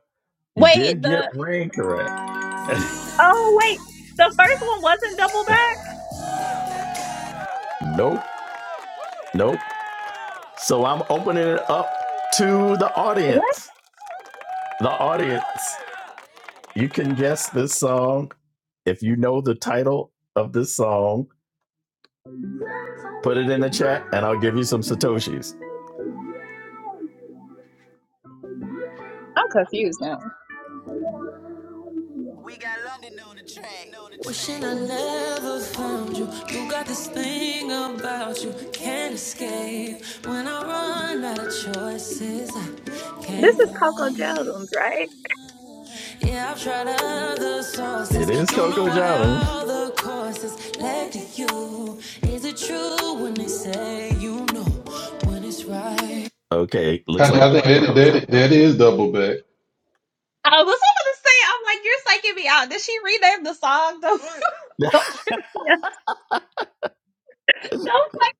you Wait did the. get rain correct. Oh wait, the first one wasn't double back. Nope, nope. So I'm opening it up to the What? audience. The audience, you can guess this song if you know the title of this song. Put it in the chat, and I'll give you some satoshis. I'm confused now. Wishing I never found you. You got this thing about you, can't escape. When I run out of choices, I This can't is Coco run. Jones, right? Yeah, I've tried other sources, It is Coco Jones. other courses led to you. Is it true when they say you know when it's right? Okay, I, looks like I nobody think that, knows that that is double back. I was gonna say, I'm like, you're psyching me out. Did she rename the song? Don't it. don't trip me out. Don't like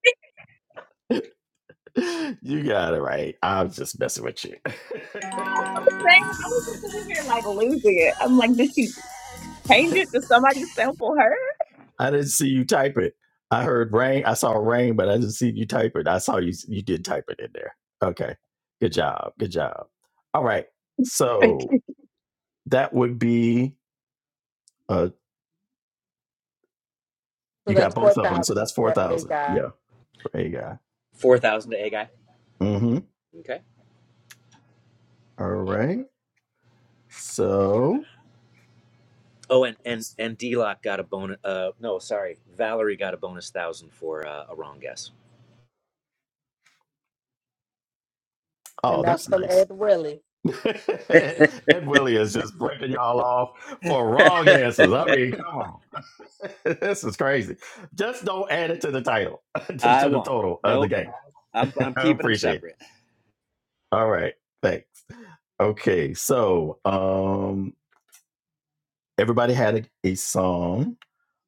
you got it right. I'm just messing with you. saying. I was just sitting here like losing it. I'm like, did she change it? Did somebody sample her? I didn't see you type it. I heard rain. I saw rain, but I didn't see you type it. I saw you. You did type it in there. Okay. Good job. Good job. All right. So that would be. Uh, So you that's got four both of them, so thousand that's four for a thousand. guy, Yeah, for a guy. 4,000 to A guy. Mm-hmm. Okay. All right. So, Oh, and and and D Lock got a bonus. Uh, no, sorry, Valerie got a bonus one thousand for uh, a wrong guess. and oh, that's that's from nice. Ed Willie. Ed Willie is just breaking y'all off for wrong answers. I mean, come on. this is crazy. Just don't add it to the title, to, I to the won't. total of the Nope. game. I'm, I'm I keeping them appreciate it. separate. All right. Thanks. Okay. So, um, everybody had a, a song.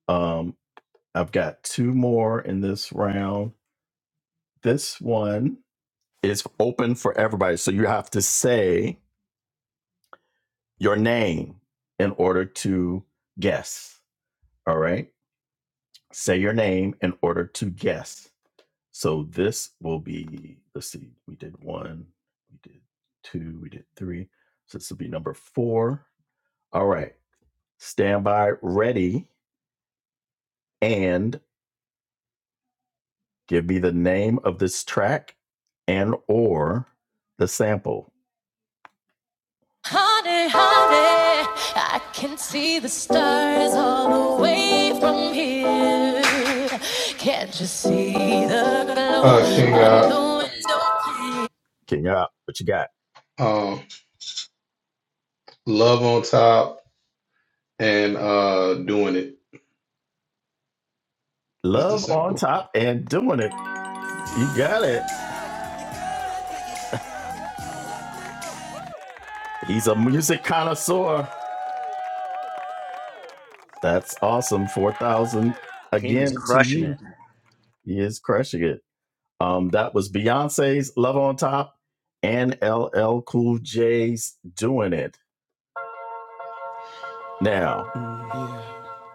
Um, I've got two more in this round. This one is open for everybody. So you have to say your name in order to guess. All right. Say your name in order to guess. So this will be, let's see, we did one, we did two, we did three. So this will be number four. All right. Stand by, ready, and give me the name of this track and or the sample. Honey, honey, I can see the stars all the way from here. Can, Uh, King uh, can y'all, what you got? um, love on top and uh, doing it is the Love on sample. top and doing it. You got it. He's a music connoisseur. That's awesome. 4,000 King is again to crushing you. it. He is crushing it. Um, that was Beyonce's Love on Top and LL Cool J's Doing It. Now,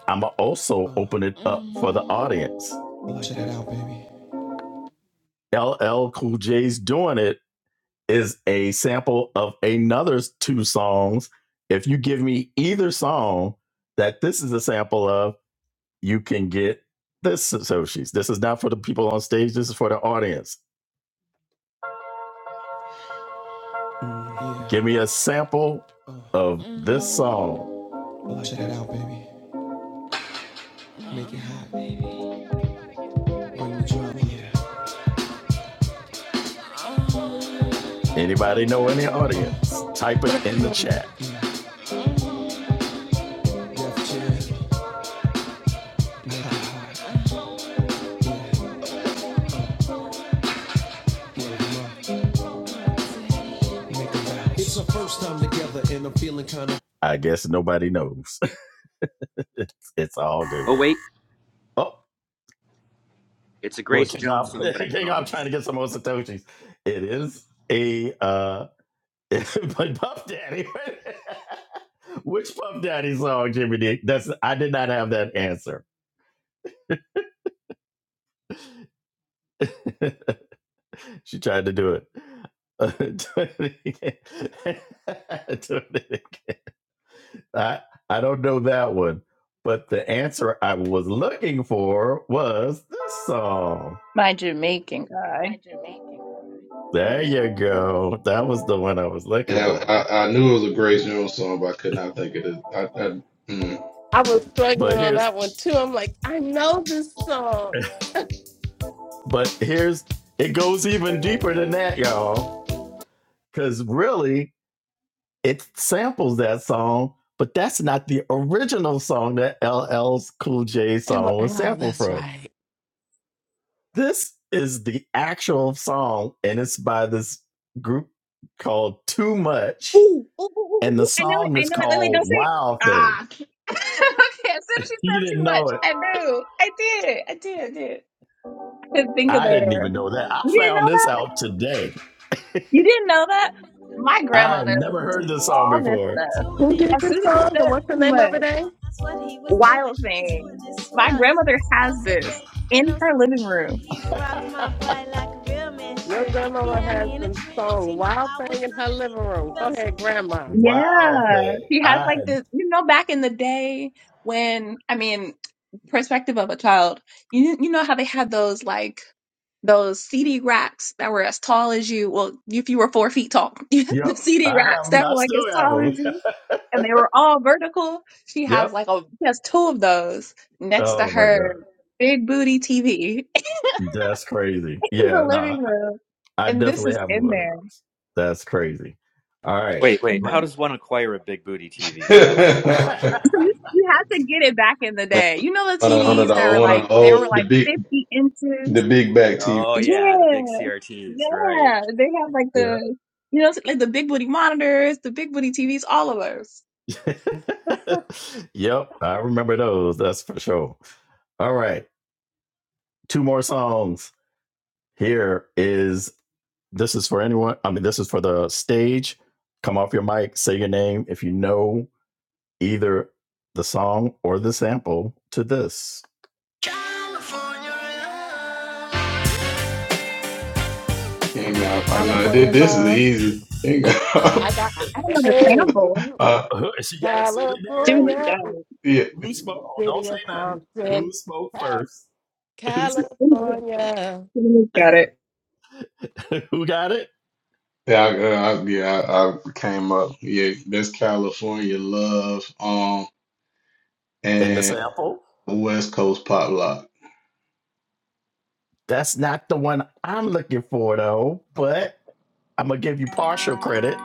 I'm going to also open it up for the audience. LL Cool J's Doing It is a sample of another two songs. If you give me either song that this is a sample of, you can get this. So she's, this is not for the people on stage, this is for the audience. Give me a sample of this song. Check it out, baby. Anybody know in the audience? Type it in the chat. It's our first time together, and I'm feeling kind of. I guess nobody knows. it's, it's all good. Oh wait, Oh, it's a look, Grace King Jones Ob, song, but I don't King know the Ob name. trying to get some more Satoshis. It is a uh but Puff Daddy. Which Puff Daddy song, Jimmy D? That's I did not have that answer. she tried to do it. Uh, do it again. do it again. I I don't know that one, but the answer I was looking for was this song. My Jamaican guy. There you go. That was the one I was looking Yeah, for. I, I knew it was a Grace Jones song, but I could not think of it. I, I, mm. I was struggling But on here's that one too. I'm like, I know this song. but here's it goes even deeper than that, y'all. Cause really, it samples that song, but that's not the original song that LL's Cool J Oh, song was oh sampled that's from. right. This is the actual song, and it's by this group called Too Much Ooh, ooh, ooh, ooh, and the ooh. I know it. song I is know it. Wait, wait, called don't say it. Wild Thing. Ah. okay, as soon as she You said didn't too know much, it. I knew. I did. I did. I did. I could think of I didn't her. even know that. I You didn't found know this that? out today. You didn't know that? My I had grandmother never listened to heard this song all this before. stuff. Doing Who it, doing it, did As soon this as she song and said what's the doing too name it of it? much, eh? well. That's what he was doing. wild And doing thing. it My swell. grandmother has Feels so this great, and in I'm her so living good. room. He rocked my body like a real man Your should. He grandmama had has me in a been trance. sung You know Wild I was Thing in her loving living room. it. Go Felt so ahead, good. Grandma. Wow, Yeah. thing. She has I like had, this, you know, back in the day when, I mean, perspective of a child, you you know how they had those like those CD racks that were as tall as you. Well, if you were four feet tall, yep. the CD I racks have them. that I were like as still tall as you, have and them. they were all vertical. She has yep. like a she has two of those next to Oh my god. her big booty TV That's crazy. in Yeah, the no, living room, I and this definitely is have in one of there. those. That's crazy. All right. Wait, wait. How does one acquire a big booty TV? That's all I want to know. So you, you had to get it back in the day. You know the one of one of TVs that the were one of like the they were old the like big fifty the inches. big back TV. Oh yeah, the big Yeah, CRTs, right? yeah. They have like yeah. the you know like the big booty monitors, the big booty TVs, all of those. yep, I remember those. That's for sure. All right, two more songs. Here is this is for anyone. I mean, this is for the stage. Come off your mic, say your name if you know either the song or the sample to this. King up, I know thi- California this is Love. easy. King I up, got I don't know the hey, sample. you uh, who, she gotta sing it name. Wait, Jiminy wait, California got who, it. yeah. who, who spoke? Oh, don't city of say nothing. Compton, Who spoke hey, first? Who, spoke, Jiminy, California. Jiminy got it. who got it? Yeah, I, uh, I, yeah, I, I came up. Yeah, that's California love. Um, And the and. sample? West Coast pop lock. That's not the one I'm looking for though. But I'm gonna give you partial credit.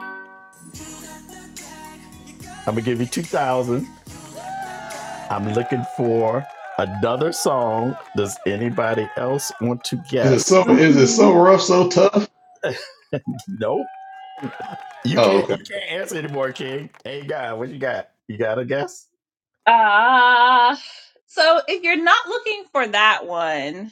I'm gonna give you two thousand. I'm looking for another song. Does anybody else want to Is it guess? so? Is it Mm-hmm. so rough, so tough? nope. You Oh, can't. okay. You can't answer anymore, King. Hey, God, what you got? You got a guess? Ah. so if you're not looking for that one,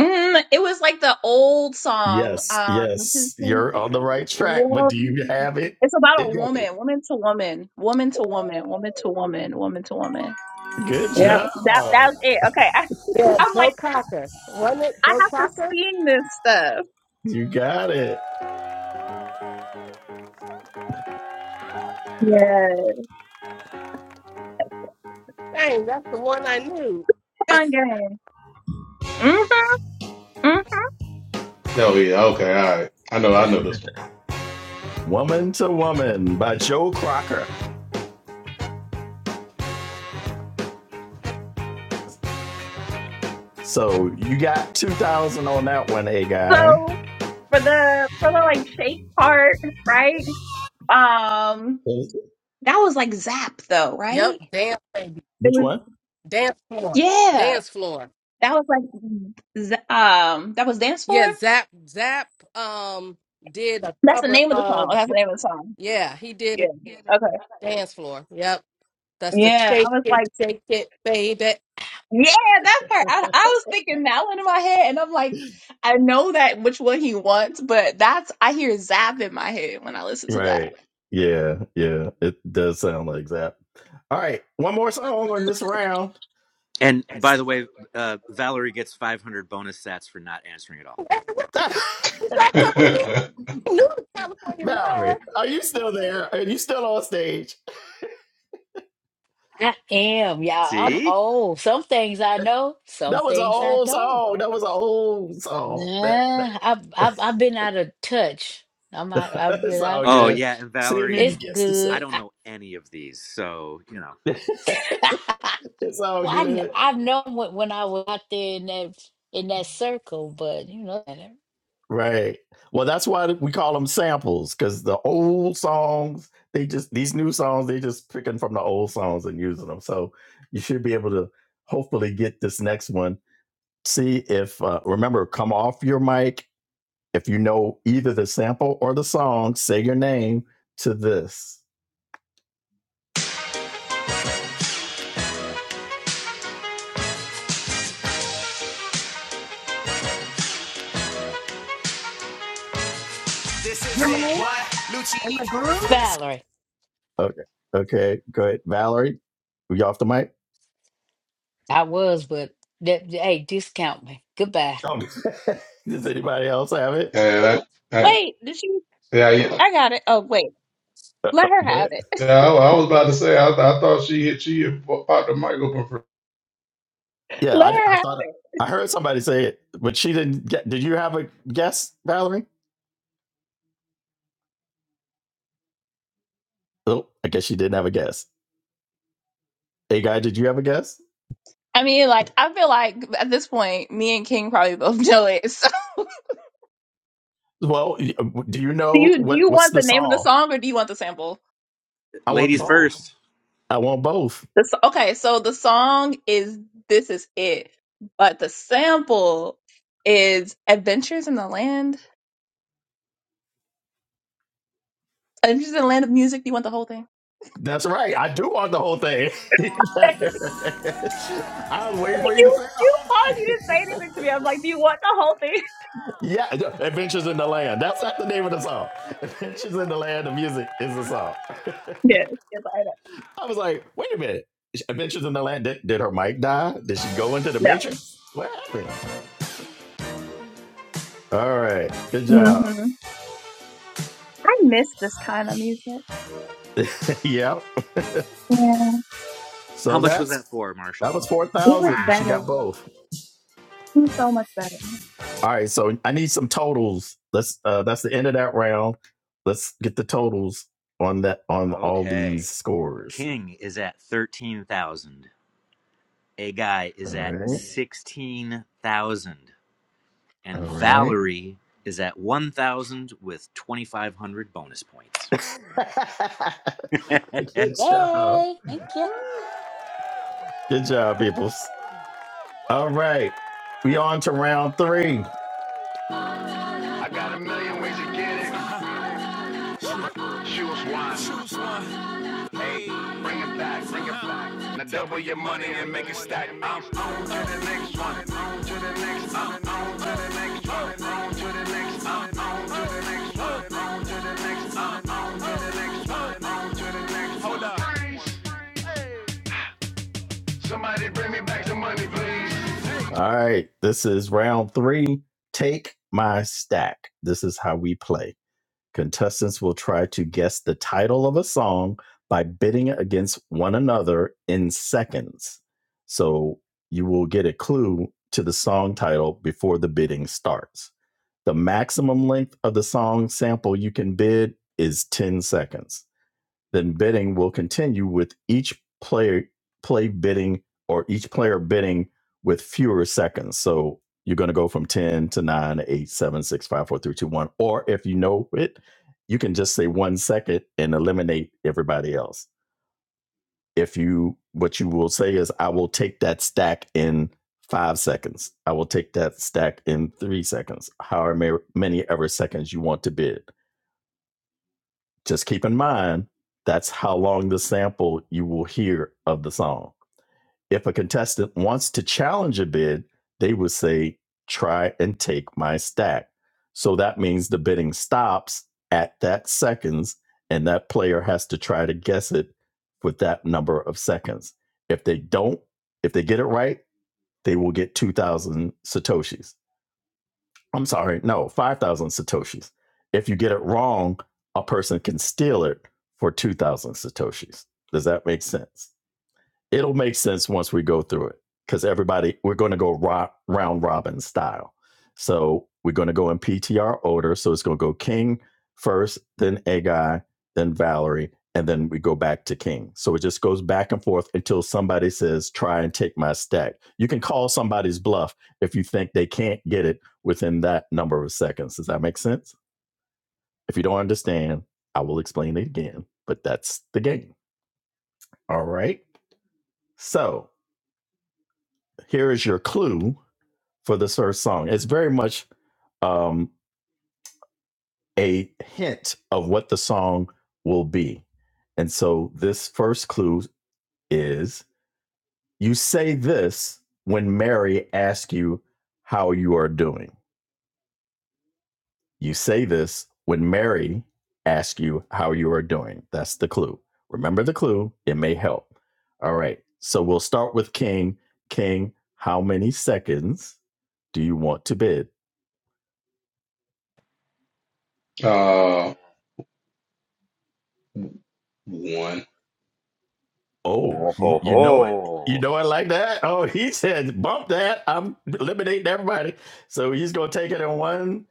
mm, it was like the old song. Yes, Um, yes, you're on the right track, but Lord, do you have it? It's about a woman, woman to woman, woman to woman, woman to woman, woman to woman, Good woman. Yep. job. To, that that's it. Okay, I, Yeah, I'm Joe like Cocker. Wasn't it I Joe have to Cocker? sing this stuff. You got it. Yes, Dang, that's the one I knew. fun game. Mm-hmm, hmm Oh, yeah. Okay. All right. I know. I know this one. Woman to Woman by Joe Crocker. So you got 2000 on that one, hey guy. So for the for the like shake part, right? Um, that was like zap though, Yep, right? dance baby, It Which was one? dance floor, yeah. dance floor. That was like z- um that was dance Yeah, floor. Zap Zap um did a That's the cover name of the song. of That's the name of the song. yeah he did Yeah. it Okay. dance floor. Yep, that's the Yeah, I shake was it like, shake it baby. yeah, that part. I, I was thinking that one in my head, and I'm like, I know that which one he wants, but that's I hear Zap in my head when I listen to that. Right. Yeah, yeah. It does sound like that. All right. One more song on this round. And by the way, uh, Valerie gets 500 bonus sats for not answering at all. Who's that over here? yeah, I knew the California love. Valerie, are you still there? Are you still on stage? I am, y'all. I'm See? old. Some things I know, some That was an things I old don't. song. That was an old song. That Nah, I've I've I've been out of touch. I'm out, I've been it's out of all Oh good. yeah, touch. and See if you Valerie, can It's guess this. up. I good. don't know any of these, so you know, it's all Well, I kn- good. I've known when, when I was out there in that in that circle, but you know, Right. Well, that's why we call them samples because the old songs, they just, these new songs, they just picking from the old songs and using them. So you should be able to hopefully get this next one. See if, uh, remember, come off your mic. If you know either the sample or the song, say your name to this. This is it. Gemini. What? Lucci In the pouring from groove? the Valerie, Okay. Okay. Go ahead. Valerie, are you off the mic? I was, but that, hey, discount me. Goodbye. Oh, does anybody else have it? that, that- Wait, did she? yeah, yeah. I got it. Oh, wait, Uh, uh, let her Go have ahead. it. Yeah, I, I was about to say. I, I thought she hit. She had po- popped the mic open for Yeah, Let I, her I have. thought I heard somebody say it, but she didn't get. Did you have a guess, Valerie? Oh, I guess she didn't have a guess. Hey, guy, did you have a guess? I mean, like, I feel like at this point, me and King probably both know it. So, Well, uh, do you do know you do what you what's want the the name of the song? song or do you want the sample? I want ladies both. first. I want both. The, s- okay, so the song is "This Is It," but the sample is "Adventures in the Land." I'm just in the land of music. Do you want the whole thing? That's right. I do want the whole thing. I was waiting for Like, you to you say. you oh. paused. You didn't say anything to me. I'm like, do you want the whole thing? Yeah, Adventures in the Land. That's not the name of the song. Adventures in the Land, the music is the song. Yes, yes, I I was like, wait a minute. Adventures in the Land, did, did her mic die? Did she go into the know. Matrix? What happened? All right, good No. job. hmm I miss this kind of music. yep. Yeah, How So much was that that's for, Marshall? that was it was 4,000. She better. got It Wow. both. was so much better. All right, so I need some totals. Let's uh that's the end of that round. Let's get the totals on that on all these Okay. scores. King is at 13,000. a guy All is at right. 16,000 All and right. Valerie is at 1,000 with 2,500 bonus points. Good job. Yay! Thank you. Good job, peoples. All right. We on to round three. I got a million ways to get it. Choose one. Bring it back. Bring it back. Now double your money and make it stack. I'm on to the next one. On to the next. i on to the next one. On to the next. i on to the next one. On to the next. i on to the next one. On to the next. one. Hold up. Freeze. Hey. Somebody bring me back some money, please. All right, this is round three. Take my stack. This is how we play. Contestants will try to guess the title of a song by bidding against one another in seconds. So you will get a clue to the song title before the bidding starts. The maximum length of the song sample you can bid is 10 seconds then bidding will continue with each player play bidding or each player bidding with fewer seconds. So you're going to go from 10 to nine, eight, seven, six, five, four, three, two, one. Or if you know it, you can just say one second and eliminate everybody else. If you, what you will say is, I will take that stack in five seconds. I will take that stack in three seconds, however many ever seconds you want to bid just keep in mind that's how long the sample you will hear of the song. If a contestant wants to challenge a bid, they would say, try and take my stack. So that means the bidding stops at that seconds, and that player has to try to guess it with that number of seconds. If they don't, if they get it right, they will get 2,000 Satoshis I'm sorry, no, 5,000 Satoshis. If you get it wrong, a person can steal it for 2,000 Satoshis. Does that make sense? it'll make sense once we go through it because everybody we're going to go ro- round robin style so we're going to go in ptr order so it's going to go king first then agai then valerie and then we go back to king so it just goes back and forth until somebody says try and take my stack you can call somebody's bluff if you think they can't get it within that number of seconds does that make sense if you don't understand i will explain it again but that's the game all right so here is your clue for this first song. It's very much um, a hint of what the song will be. And so this first clue is you say this when Mary asks you how you are doing. You say this when Mary asks you how you are doing. That's the clue. Remember the clue, it may help. All right. So we'll start with King. King, how many seconds do you want to bid? uh one. Oh, Oh he- ho you know it. You ho! know it like that? Oh, he said, bump that. I'm eliminating everybody. So he's going to take it in one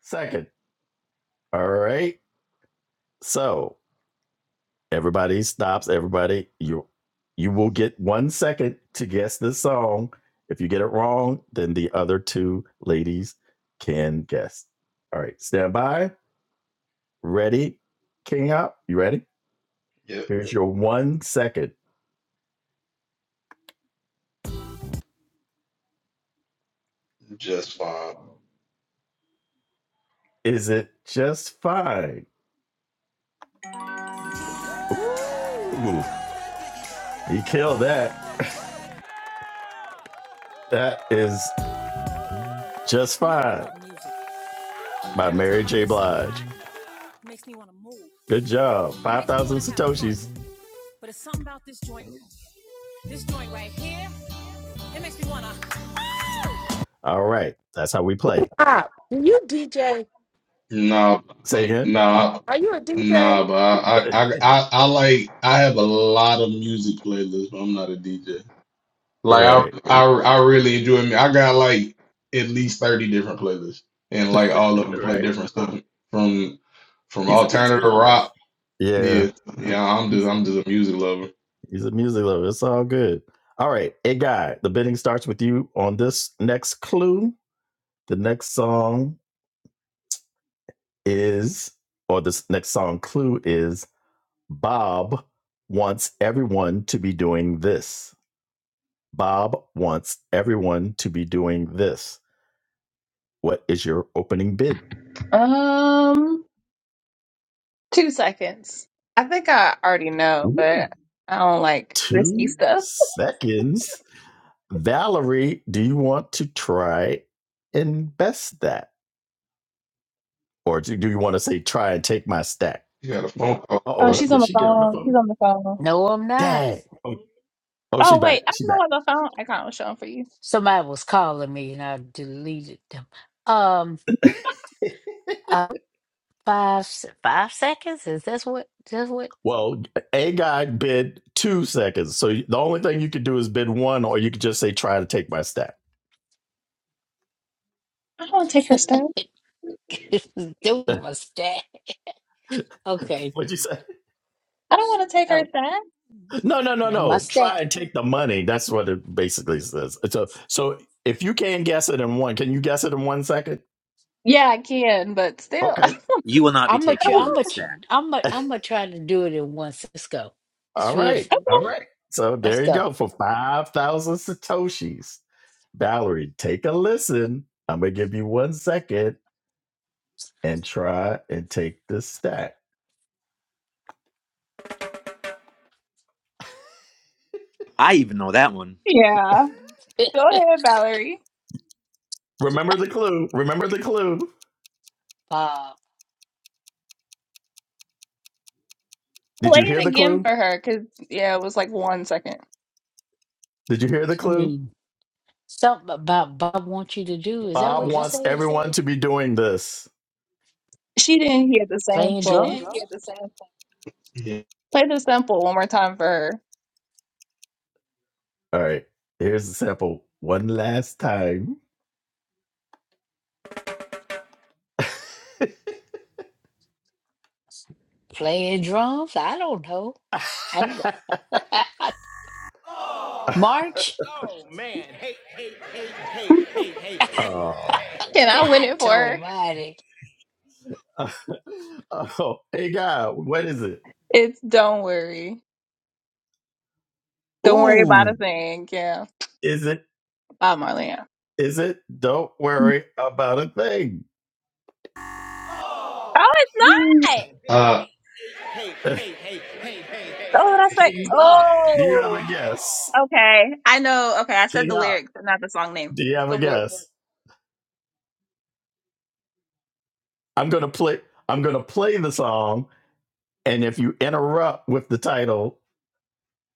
second. All right. So everybody stops. Everybody, you you will get one second to guess this song. If you get it wrong, then the other two ladies can guess. All right. Stand by. Ready? King up. You ready? Yep, Here's your one second. just fine. Is it just fine? Ooh. You killed that. That is just fine by Mary J. Blige. Good job. 5,000 Satoshis. All right. That's how we play. Stop. Do you DJ? No, Say again? no, Are you a DJ? no. But I, I, I, I I like. I have a lot of music playlists, but I'm not a DJ. Like right. I, I, I really enjoy me. I got like at least thirty different playlists, and like all of them play Right. different stuff from from He's a music alternative lover. rock. Yeah. Yeah, yeah. I'm just, He's, I'm just a music lover. he's a music lover. It's all good. All right. Hey, guy, the bidding starts with you on this next clue. The next song is, or this next song clue is Bob wants everyone to be doing this. Bob wants everyone to be doing this. What is your opening bid? Um, two seconds. I think I already know, Ooh. but I don't like risky Two stuff. seconds. Valerie, do you want to try and best that? Or do do you want to say, try and take my stack? You got a phone call. Uh Oh, oh, but, she's on did the she get on the phone. She's phone? on the phone. No, I'm not. Dang. Oh, oh, she's Oh, back. wait. I don't She's know back. what the phone icon was showing for you. Somebody was calling me, and I deleted them. Um, uh, five se- five seconds. Is this what? That's what? Well, A guy bid two seconds. So the only thing you could do is bid one, or you could just say, try to take my stack. I don't want to take her stuff. Do my stats. Okay. What'd you say? I don't want to take her Oh, stuff. No, no, no, and my no. stack. Try and take the money. That's what it basically says. So, so if you can guess it in one, can you guess it in one second? Yeah, I can, but still. I Okay. you will not be I'm gonna taking try. I'm her don't gonna. tr- stack. I'm gonna. I'm gonna try to do it in one. s- Let's go. It's All right. beautiful. All right. So Let's there you go. go for 5,000 Satoshis. Valerie, take a listen. I'm going to give you one second and try and take this stat. I even know that one. Yeah. Go uh, ahead, Valerie. Remember the clue. Remember the clue. I Did Play you hear it the again clue? for her, cause yeah, it was like one second. Did you hear the clue? mean, something about Bob wants you to What you to do. do? Is that Bob Oh, Is that what you wants what they said? everyone said? to be doing this. She didn't hear the Playing sample. drums? yeah. Play the sample one more time for her. All right. Here's the sample one last time. Playing drums? I don't know. I, March? oh. Can I win God it for her? Almighty! oh, hey God, what is it? It's don't worry. Don't worry about a Ooh, thing. Yeah. is it? By Marlena. Is it? Don't worry about a thing. Oh, it's Ooh. not. Uh, Oh, that's like King Op, do you have a oh. guess? Okay. I know. Okay, I said King the Op, lyrics, but not the song name. do you have a Go for it. guess? I'm gonna play. I'm gonna play the song, and if you interrupt with the title,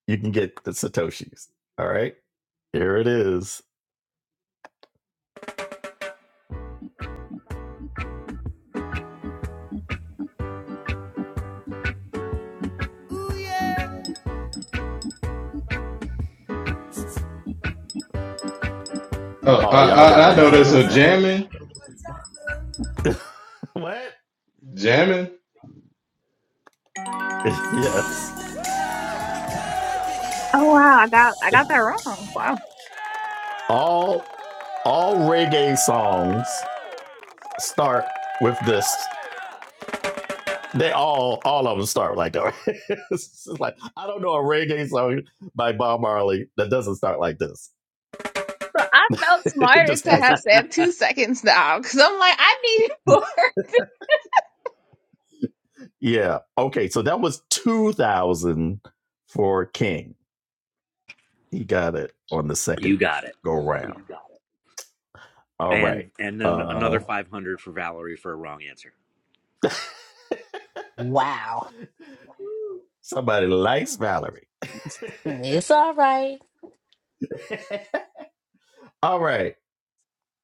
you can get the satoshis. All right, here it is. oh, Oh, I, y'all I, gotta I know there's a have it. jamming, What? jamming. yes. Oh wow, I got I got that wrong. Wow. All all reggae songs start with this. They all all of them start like that. it's like I don't know a reggae song by Bob Marley that doesn't start like this. So I felt it smarter just to has have that. said two seconds now because I'm like, I need more. Yeah. Okay. So that was two thousand for King. He got it on the second You got it. go round. All right. And and then another Uh, five hundred for Valerie for a wrong answer. Wow. somebody likes Valerie. It's all right. All right.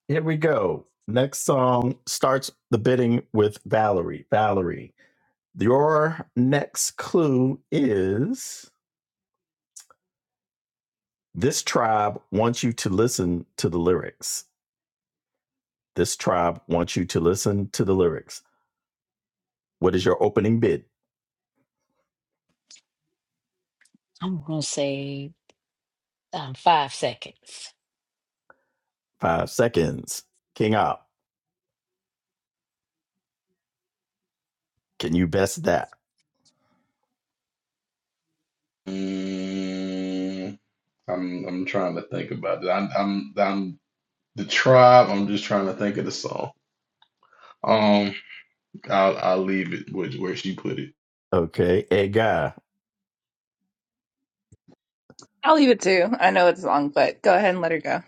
Here we go. Next song starts the bidding with Valerie. Valerie, your next clue is this tribe wants you to listen to the lyrics. This tribe wants you to listen to the lyrics. What is your opening bid? I'm gonna say um, five seconds. Five seconds. King out. Can you best that? Mm, I'm, I'm trying to think about it. I'm, I'm, I'm the tribe. I'm just trying to think of the song. Um, I'll, I'll leave it with where she put it. Okay. Hey guy, i I'll leave it two. I know it's long, but go ahead and let her go.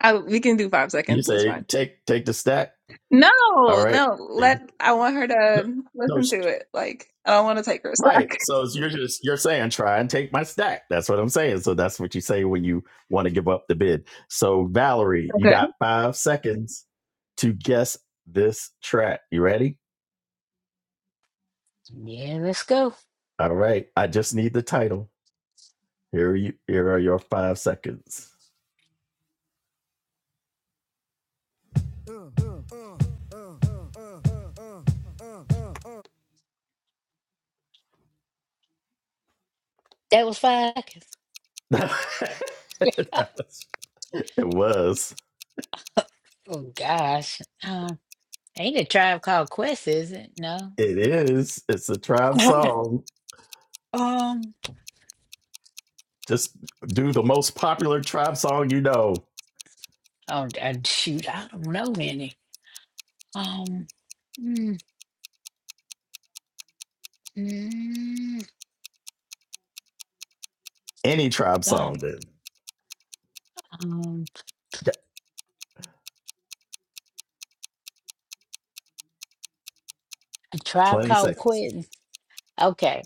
I, we can do five you seconds. It's say fine. take take the stack. No, All right. no. Take- Let I want her no, to no, listen sh- to it. Like I don't want to take her Right. back. So you're just you're saying try and take my stack. That's what I'm saying. So that's what you say when you want to give up the bid. So Valerie, you Okay. got five seconds to guess this track. You ready? Yeah, let's go. All right. I just need the title. Here are you here are your five seconds. That was five seconds. it was. Oh gosh. Um, ain't a tribe called Quest, is it? No. It is. It's a tribe song. Um, Just do the most popular tribe song you know. oh, uh, shoot, I don't know any. Um, mm, mm, Any tribe God, song then. um, a Yeah, tribe 20 called seconds. Quest. Okay,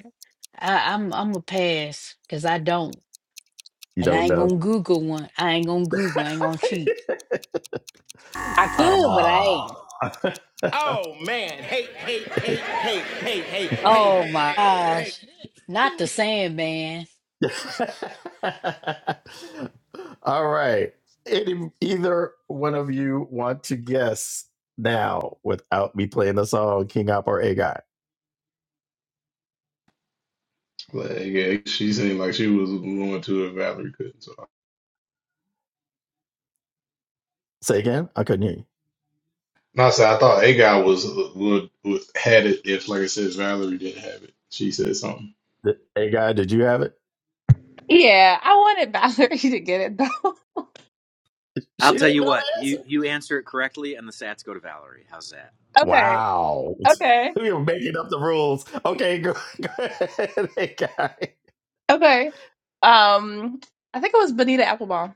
I, I'm I'm a pass because I don't, You and I don't ain't know. gonna Google one. I ain't gonna Google. I ain't gonna cheat. I could, but I Oh. ain't. Oh man, hate, hate, hate, hate, hate, hate, Oh my gosh, not the Sandman. hate, hate. All right. Any, either one of you want to guess now without me playing the song King Op or A Guy? Like, yeah, she seemed like she was going to if Valerie couldn't. So, Say again? I couldn't hear you. and I said I thought A guy was would, would had it if, like I said, Valerie didn't have it. She said something. A Guy, did you have it? Yeah, I wanted Valerie to get it though. I'll She tell didn't you know what, the you, answer. you answer it correctly and the sats go to Valerie. How's that? okay. Wow. Okay. We are making up the rules. Okay, go, go ahead, A Guy. Okay. Um, I think it was Bonita Applebaum.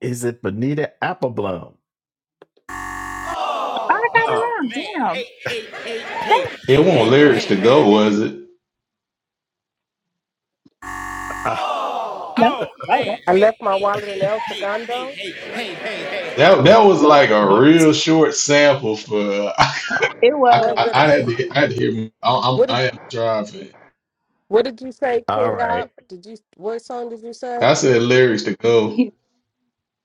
Is it Bonita Appleblom? Oh, I got it Oh Oh, man, wrong. hey, Damn. hey, hey, hey, Damn. It hey, wasn't hey, lyrics hey, to hey. go, was it? No. Oh man, Oh, that, hey, I left my wallet in hey, El hey, hey, Segundo. hey, hey, hey, hey, That that was hey. like a What is? real short sample for. it I, Was I, was. it? I had to I had to hear. I, I'm What did? I am driving. What did you say? that? All King right. up? Did you? What song did you say? I said lyrics to go.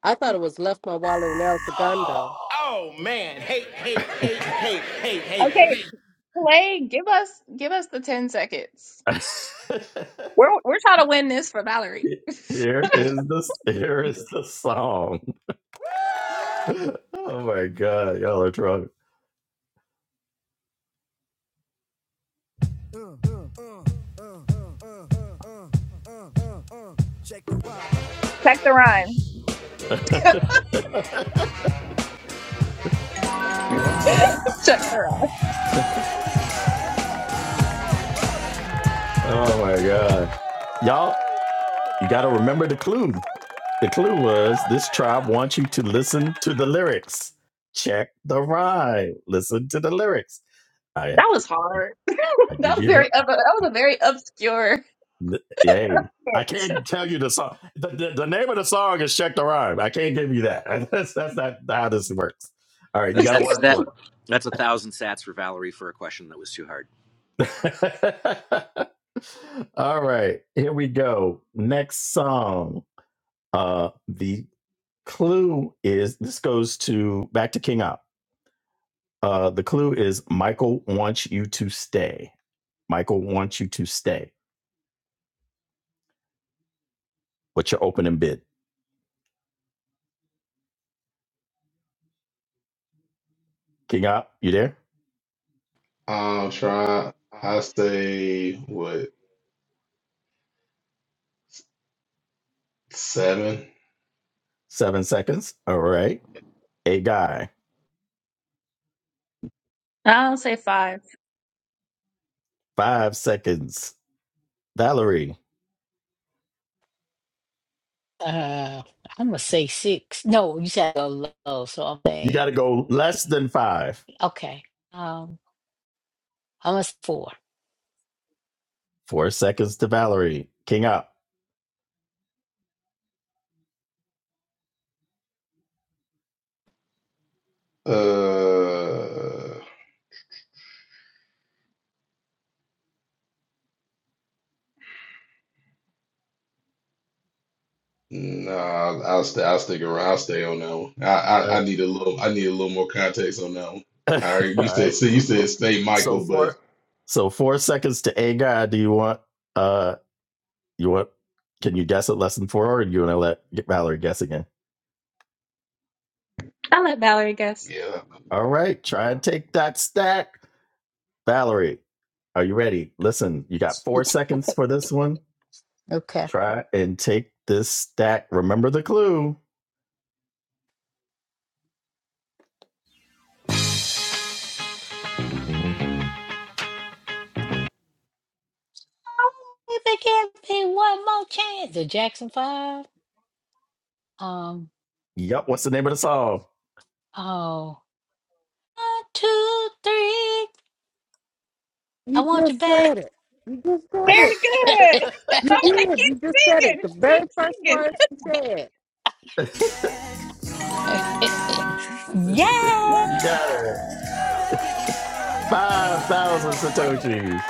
I thought it was left my wallet in El Segundo. Oh man, hey, hey, hey, hey. Okay. Play, give us give us the ten seconds. We're we're trying to win this for Valerie. here Yes. is the here is the song. Oh my god, y'all are drunk. Check the rhyme. Uh, Check the rhyme. Oh my god, y'all, you gotta remember the clues. The clue was this tribe wants you to listen to the lyrics. Check the rhyme. Listen to the lyrics. I, That was hard. I That give was you very help. that I, was a very obscure I, yay. I can't tell you the song. The, the, the name of the song is Check the Rhyme. I can't give you that. That's, that's not how this works. All right, you hint. got to That's work that. for That's a thousand sats for Valerie for a question that was too hard. it. All right, here we go. Next song. Uh, the clue is this goes to back to King Op. Uh, the clue is Michael wants you to stay. Michael wants you to stay. What's your opening bid? King up, you there? I'm trying. I say what seven. Seven seconds. All right. A guy, I'll say five. five seconds. Valerie, Uh, I'm gonna say six. No, you said a low, so I'm you saying. got to go less than five. Okay. Um, almost four. Four seconds to Valerie. King up. Uh, No, I'll, I'll stay. I'll stick around. I'll stay on that one. I, I Uh, I need a little. I need a little more context on that one. all All right, you said. right. See, you said stay So Michael, but four. So four seconds to a guy. Do you want? Uh, you want? Can you guess it less than four, or do you want to let Valerie guess again? I'll let Valerie guess. yeah. All right. Try and take that stack. Valerie, are you ready? Listen, you got four seconds for this one. Okay. Try and take this stack. Remember the clue. Oh, if they give me one more chance, the Jackson Five. Um, Yup, what's the name of the song? oh, one, two, three. I You want you just back. said it. You just said it. Very good. I You was like, did. You just keep said it. singing, The keep very first singing. words you said. Yay! You got it. 5,000 Satoshis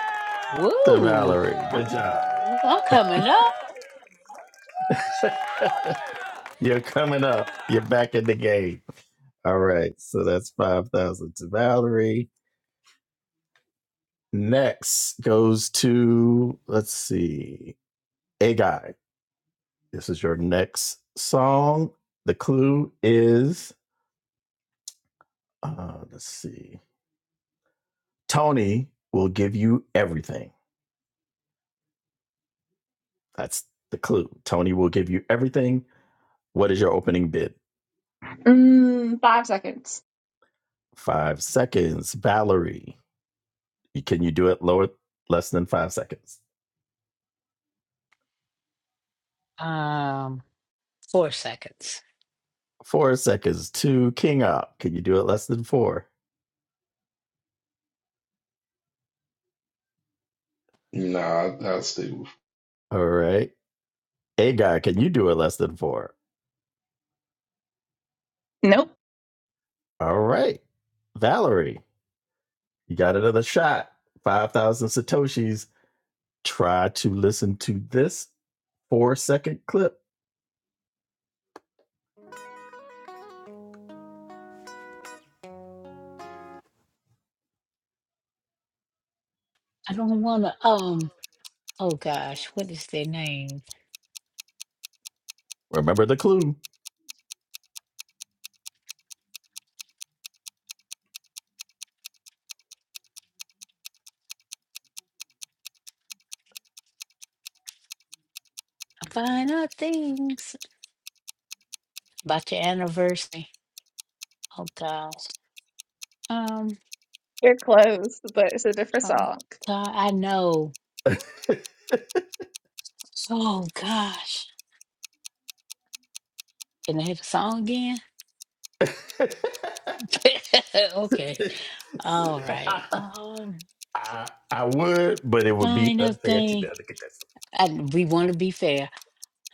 to Woo! Valerie. I'm, Good job. I'm coming up. You're coming up. You're back in the game. All right. So that's 5,000 to Valerie. Next goes to, let's see, A Guy. This is your next song. The clue is Uh, let's see. Tony will give you everything. That's the clue. Tony will give you everything. What is your opening bid? Mm, five seconds. Five seconds. Valerie, can you do it lower, less than five seconds? Um, four seconds. Four seconds. Two. King up. Can you do it less than four? Nah, I, I'll stay All right. A guy, can you do it less than four? Nope. All right. Valerie, you got another shot. 5,000 Satoshis. Try to listen to this four second clip. I don't want to. Um. Oh gosh, what is their name? Remember the clue. I Find out things about your anniversary. Oh gosh. Um. You're close, but it's a different Oh song. God, I know. Oh gosh. Can I have a song again? I, okay. All right. Um I, would, but it would be find unfair to the thing. other contestant. And we want to be fair.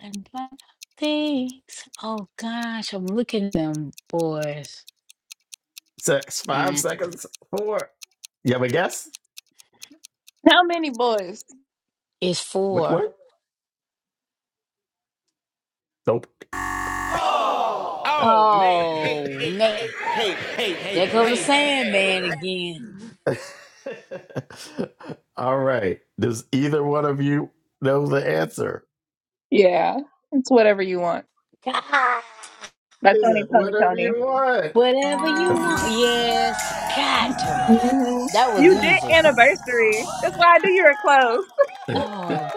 And find things. Oh gosh, I'm looking at them boys. Six, five Mm, seconds, four. You have a guess? How many boys? it's Which four. one? Nope. Oh man. Eight. There go the Sandman again. All right. Does either one of you know the answer? Yeah, it's whatever you want. God. By Is Tony, it Tony, whatever Tony. you want? Whatever you want. Yes. God to me. hmm That was You did easy. anniversary. That's why I knew you were close. Oh,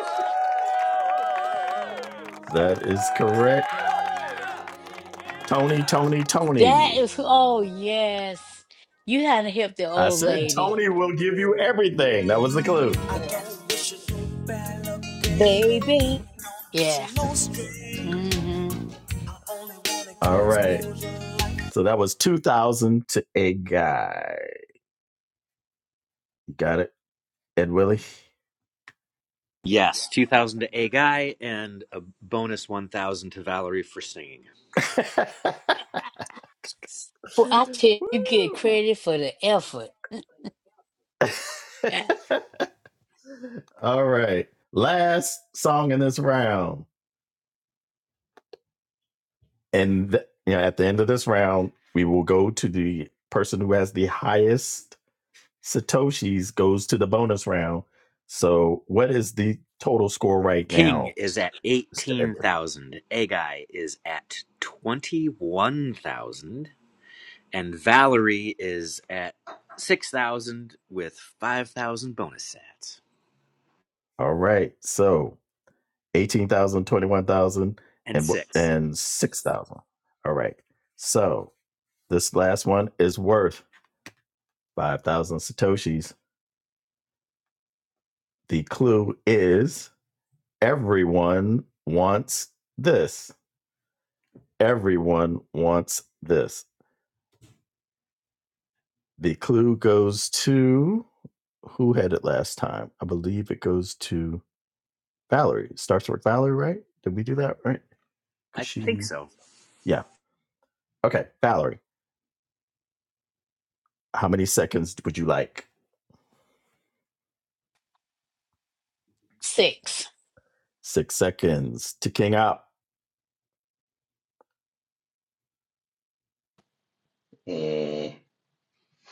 That is correct. Tony, Tony, That Tony. is, oh yes. You had to help the I old said lady. Tony will give you everything. That was the clue. Yes. Baby. Yeah. Mm-hmm. All right. So that was 2000 to a guy. Got it. Ed Willie. Yes, 2000 to Agai and a bonus 1000 to Valerie for singing. For I Woo. tell you, you get credit for the effort. Eh, All right. Last song in this round. And th- you know, at the end of this round, we will go to the person who has the highest Satoshis goes to the bonus round. So what is the total score right King now, is at Mr. Edgar? 18,000. Agai is at 21,000. And Valerie is at 6,000 with 5,000 bonus sats. All right. So 18,000, 21,000, And six. and 6,000. All right. So this last one is worth 5,000 Satoshis. The clue is everyone wants this. Everyone wants this. The clue goes to who had it last time? I believe it goes to Valerie. It starts with Valerie, right? Did we do that right? I Because think she, so. yeah. Okay, Valerie, how many seconds would you like? Six. Six seconds to King Up. with um,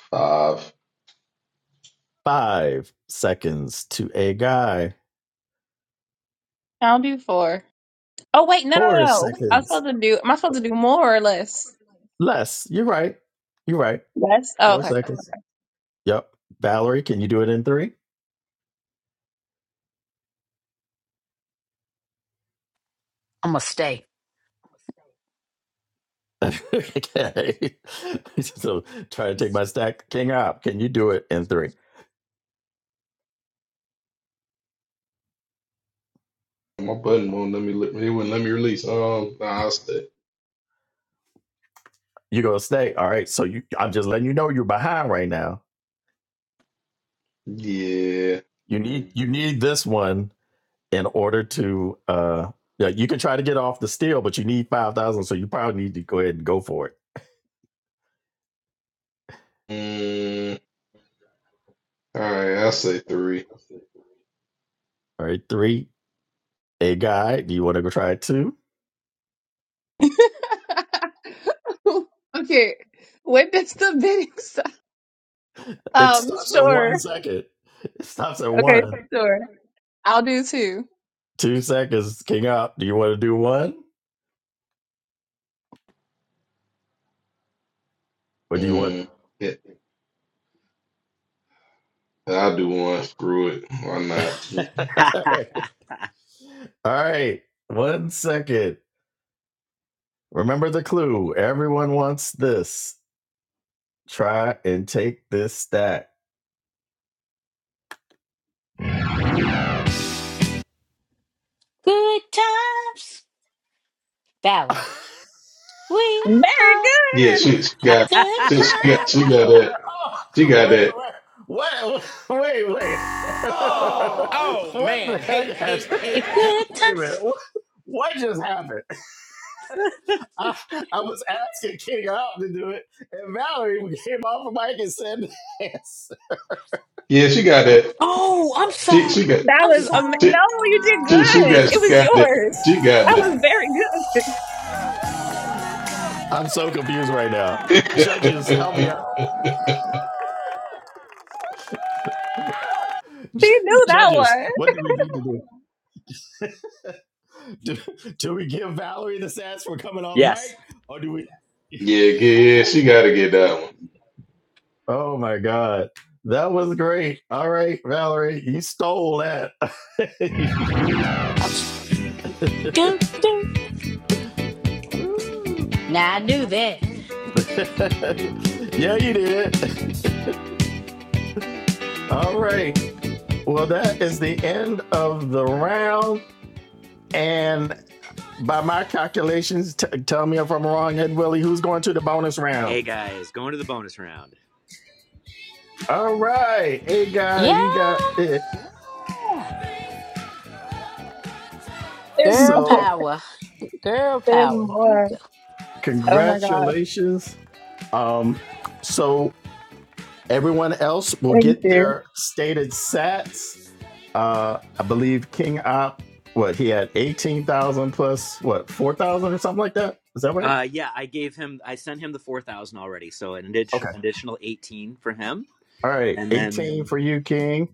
five. Five seconds to a guy. I'll do four. Oh wait, no, Four no, no. I was seconds supposed to do. Am I supposed to do more or less? less. You're right. You're right. Less. Oh, Four okay. seconds. Yep. Valerie, can you do it in three? I'ma stay. okay. so try to take my stack king up. Can you do it in three? My button won't let me. li- It wouldn't let me release. Um, nah, I'll stay. You're gonna stay. All right. So you I'm just letting you know you're behind right now. Yeah. You need you need this one in order to uh yeah, you can try to get off the steal, but you need five thousand, so you probably need to go ahead and go for it. Mm, all right. I'll say three. All right, three, a guy. Do you want to go try it two? okay. When does the bidding stop? It Um, stops at sure. one second. It stops at Okay, one. sure. I'll do two. Two seconds, king up. Do you want to do one? What do you want? Mm, yeah. I'll do one. Screw it. Why not? Mm. All right, one second. Remember the clue. Everyone wants this. Try and take this stack. Good times. Valerie. We Very are Yeah. good. She, she got. good She, she got. times. She got that. She wait, wait got that. a minute. Oh, wait, wait, wait, wait. wait. Oh, oh what man. heck Hate, hate, Eh, Good Wait a times. minute. What, just happened? I, I was asking King out to do it, and Valerie came off the mic and said this. Yeah. She got that. Oh, I'm She. sorry. She got. That I'm was um. She, No, sorry. you did she, she good. got she It was got yours. that. She got That that. was very good. I'm so confused right now. Judges, help me out. She knew that Judges, one. what do we need to do? do? Do we give Valerie the sass for coming off mic? yes, Or do we yeah, yeah, she got to get that one. All Oh my God. That was great. All right, Valerie, you stole that. I'm s- do, do. Now I knew that. yeah, you did. All right. Well, that is the end of the round. And by my calculations, t- tell me if I'm wrong, Ed Willie, who's going to the bonus round? Agai is going to the bonus round. All right. Hey, guy, Yeah. you got it. There's Girl more. So, power. Girl There's power. You more. go. Oh my gosh. congratulations. Um, so everyone else will Thank get you. their stated sats. Uh, I believe King Op, what he had eighteen thousand plus what four thousand or something like that. Is that right? Uh, yeah, I gave him, I sent him the 4,000 already. So an addi- Okay. additional 18 for him All right, and then eighteen for you, King.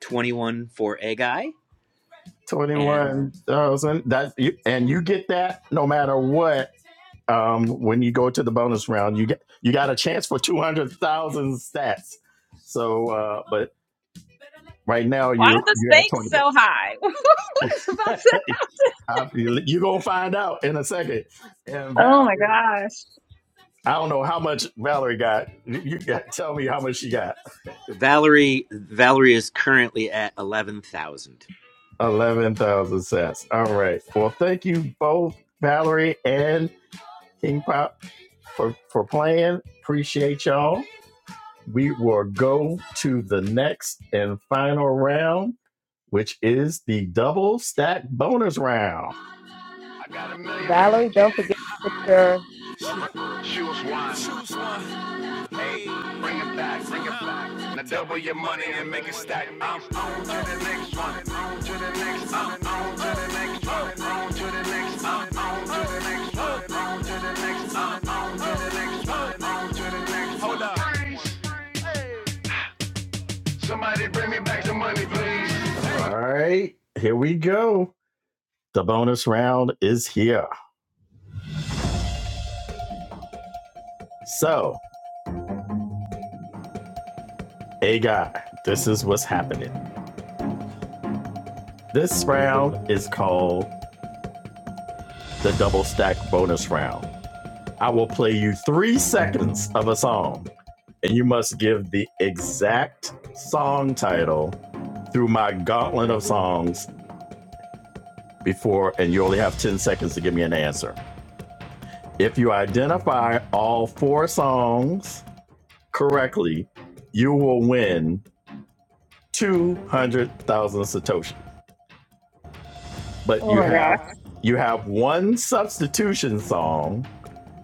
21 for a guy. And Twenty-one thousand. That you, and you get that no matter what. Um, when you go to the bonus round, you get you got a chance for two hundred thousand stats. So, uh, but Right now, Why are you're the you're at stakes twenty so high? what is about percent. to happen? you're gonna find out in a second. And Oh my Valerie, gosh. I don't know how much Valerie got. You you got tell me how much she got. Valerie, Valerie is currently at 11,000, Eleven thousand cents. All right. Well, thank you both, Valerie and King Pop, for for playing. Appreciate y'all. We will go to the next and final round, which is the double stack bonus round. I got a million ways Valerie, don't to forget to put your. get it. Choose one. Hey, Bring it back, bring it back. Now double your money and make it stack. I'm on to the next one. On to the next one. On to the next one. On to the next one. On to the next one. On to the next one. On to the next one. On to the next one. Hold up. Somebody bring me back the money, please. All right, here we go. The bonus round is here. So, hey guy, this is what's happening. This round is called the double stack bonus round. I will play you three seconds of a song, and you must give the exact song title through my gauntlet of songs before, and you only have 10 seconds to give me an answer. If you identify all four songs correctly, you will win 200,000 Satoshi. But Oh you Oh my have gosh. you have one substitution song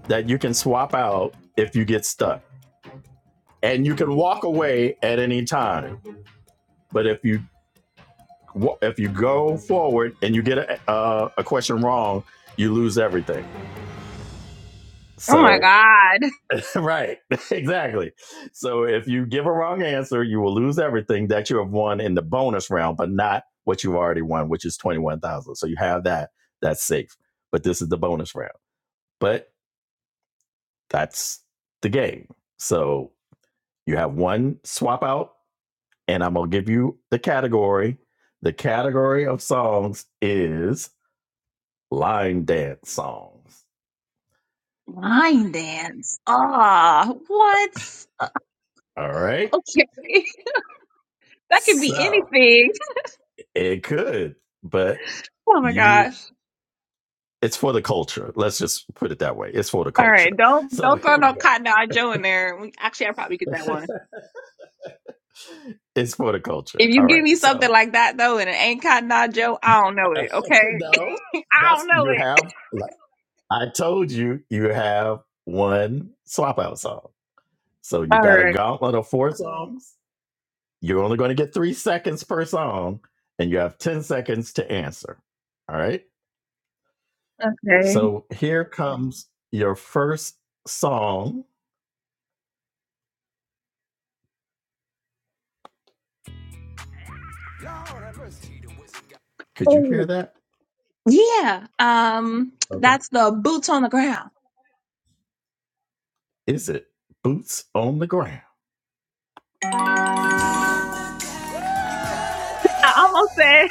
that you can swap out if you get stuck. and you can walk away at any time. But if you if you go forward and you get a uh, a question wrong, you lose everything. Oh my So god. right, exactly. So if you give a wrong answer, you will lose everything that you have won in the bonus round, but not what you've already won, which is twenty one thousand. So you have that. That's safe. But this is the bonus round. But that's the game. So you have one swap out and I'm gonna give you the category. The category of songs is line dance songs. Line dance. Ah, what? Uh, All right. Okay. That could be So anything. it could, but Oh my you gosh. it's for the culture. Let's just put it that way. It's for the All culture. right. Don't So don't throw here no we cotton eye Joe in there. We, actually, I probably get that go. one. it's for the culture. If you All give right. me something So like that though, and it ain't cotton eye Joe, I don't know it. Okay. no, I that's don't know you it. have like I told you you have one swap out song. So you've All got a right. gauntlet of four songs You're only going to get three seconds per song, and you have 10 seconds to answer. All right. Okay. So here comes your first song. Could you Oh, hear that? yeah. Um, Okay. that's the boots on the ground. Is it Boots on the Ground? I almost said,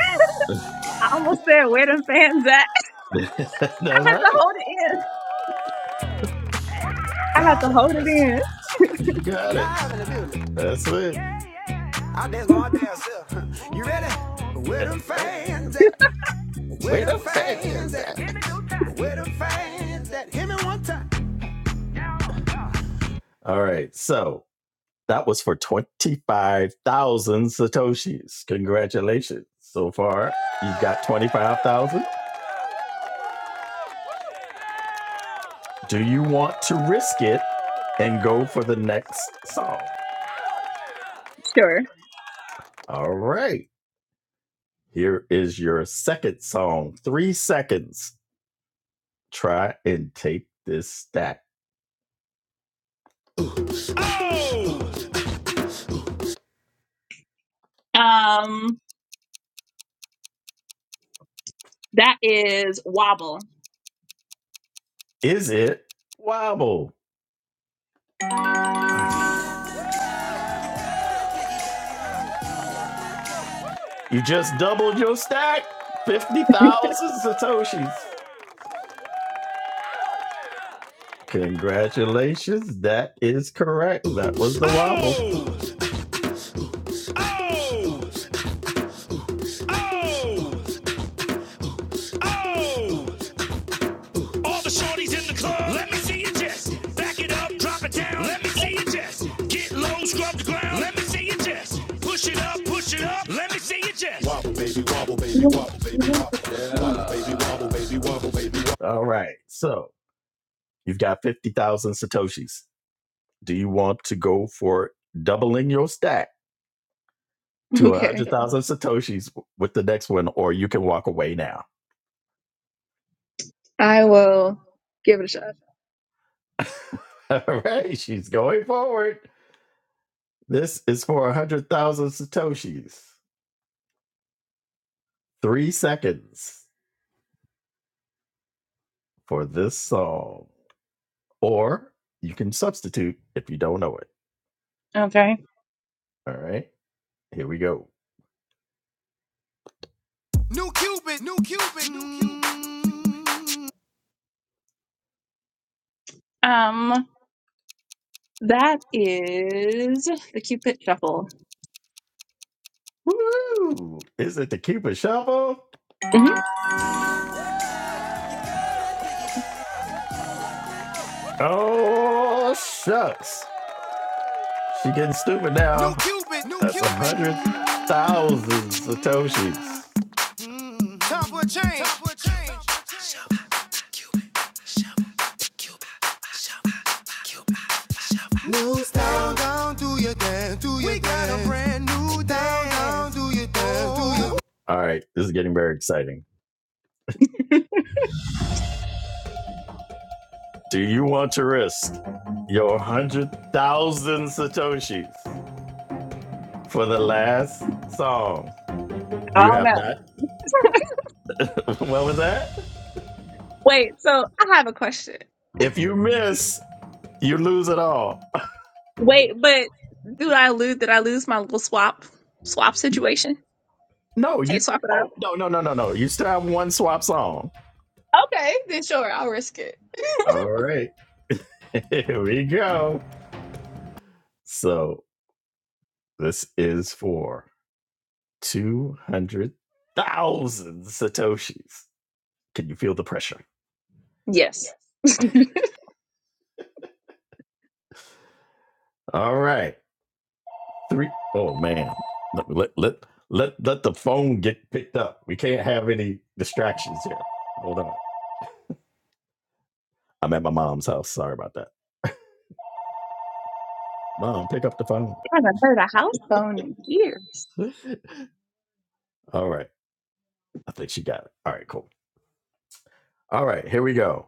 I almost said, where them fans at? That's I had to right. hold it in. I had to hold it in. You got it. That's it. All right. So that was for 25,000 Satoshis. Congratulations. So far, you have got 25,000. Do you want to risk it and go for the next song? Sure. All right. Here is your second song. Three seconds. Try and take this stack. Um, that is wobble. Is it wobble? You just doubled your stack. 50,000 Satoshis. Congratulations. That is correct. That was the wobble. Oh, oh, oh, oh. The shorties in the club. Let me see you just back it up, drop it down. Let me see you just get low, scrub the ground. Let me see you just push it up, push it up. Let me see you just. Wow. All right. So you've got 50,000 Satoshis. Do you want to go for doubling your stack to Okay. 100,000 Satoshis with the next one, or you can walk away now? I will give it a shot. All right. She's going forward. This is for 100,000 Satoshis. Three seconds for this song. Or you can substitute if you don't know it. Okay. All right, here we go. Um, that is the Cupid shuffle. Woo! Is it the Cupid Shuffle? hmm Oh shucks, she getting stupid New now. New Cupid, new That's a Cupid. hundred thousand satoshis. Hey, we got a brand new down. Do you? All right, this is getting very exciting. Do you want to risk your 100,000 Satoshis for the last song? I You don't have know. not. what was that? Wait, so I have a question. If you miss, you lose it all. Wait, but do I lose? Did I lose my little swap swap situation? No, Can't you. swap it Oh out. no no no no no! You still have one swap song. Okay, then sure, I'll risk it. All right, here we go. So this is for two hundred thousand satoshis. Can you feel the pressure? Yes. All right, three. Oh man, let let let let, let the phone get picked up. We can't have any distractions here. Hold on. I'm at my mom's house. Sorry about that. Mom, pick up the phone. I haven't heard a house phone in years. All right. I think she got it. All right, cool. All right, here we go.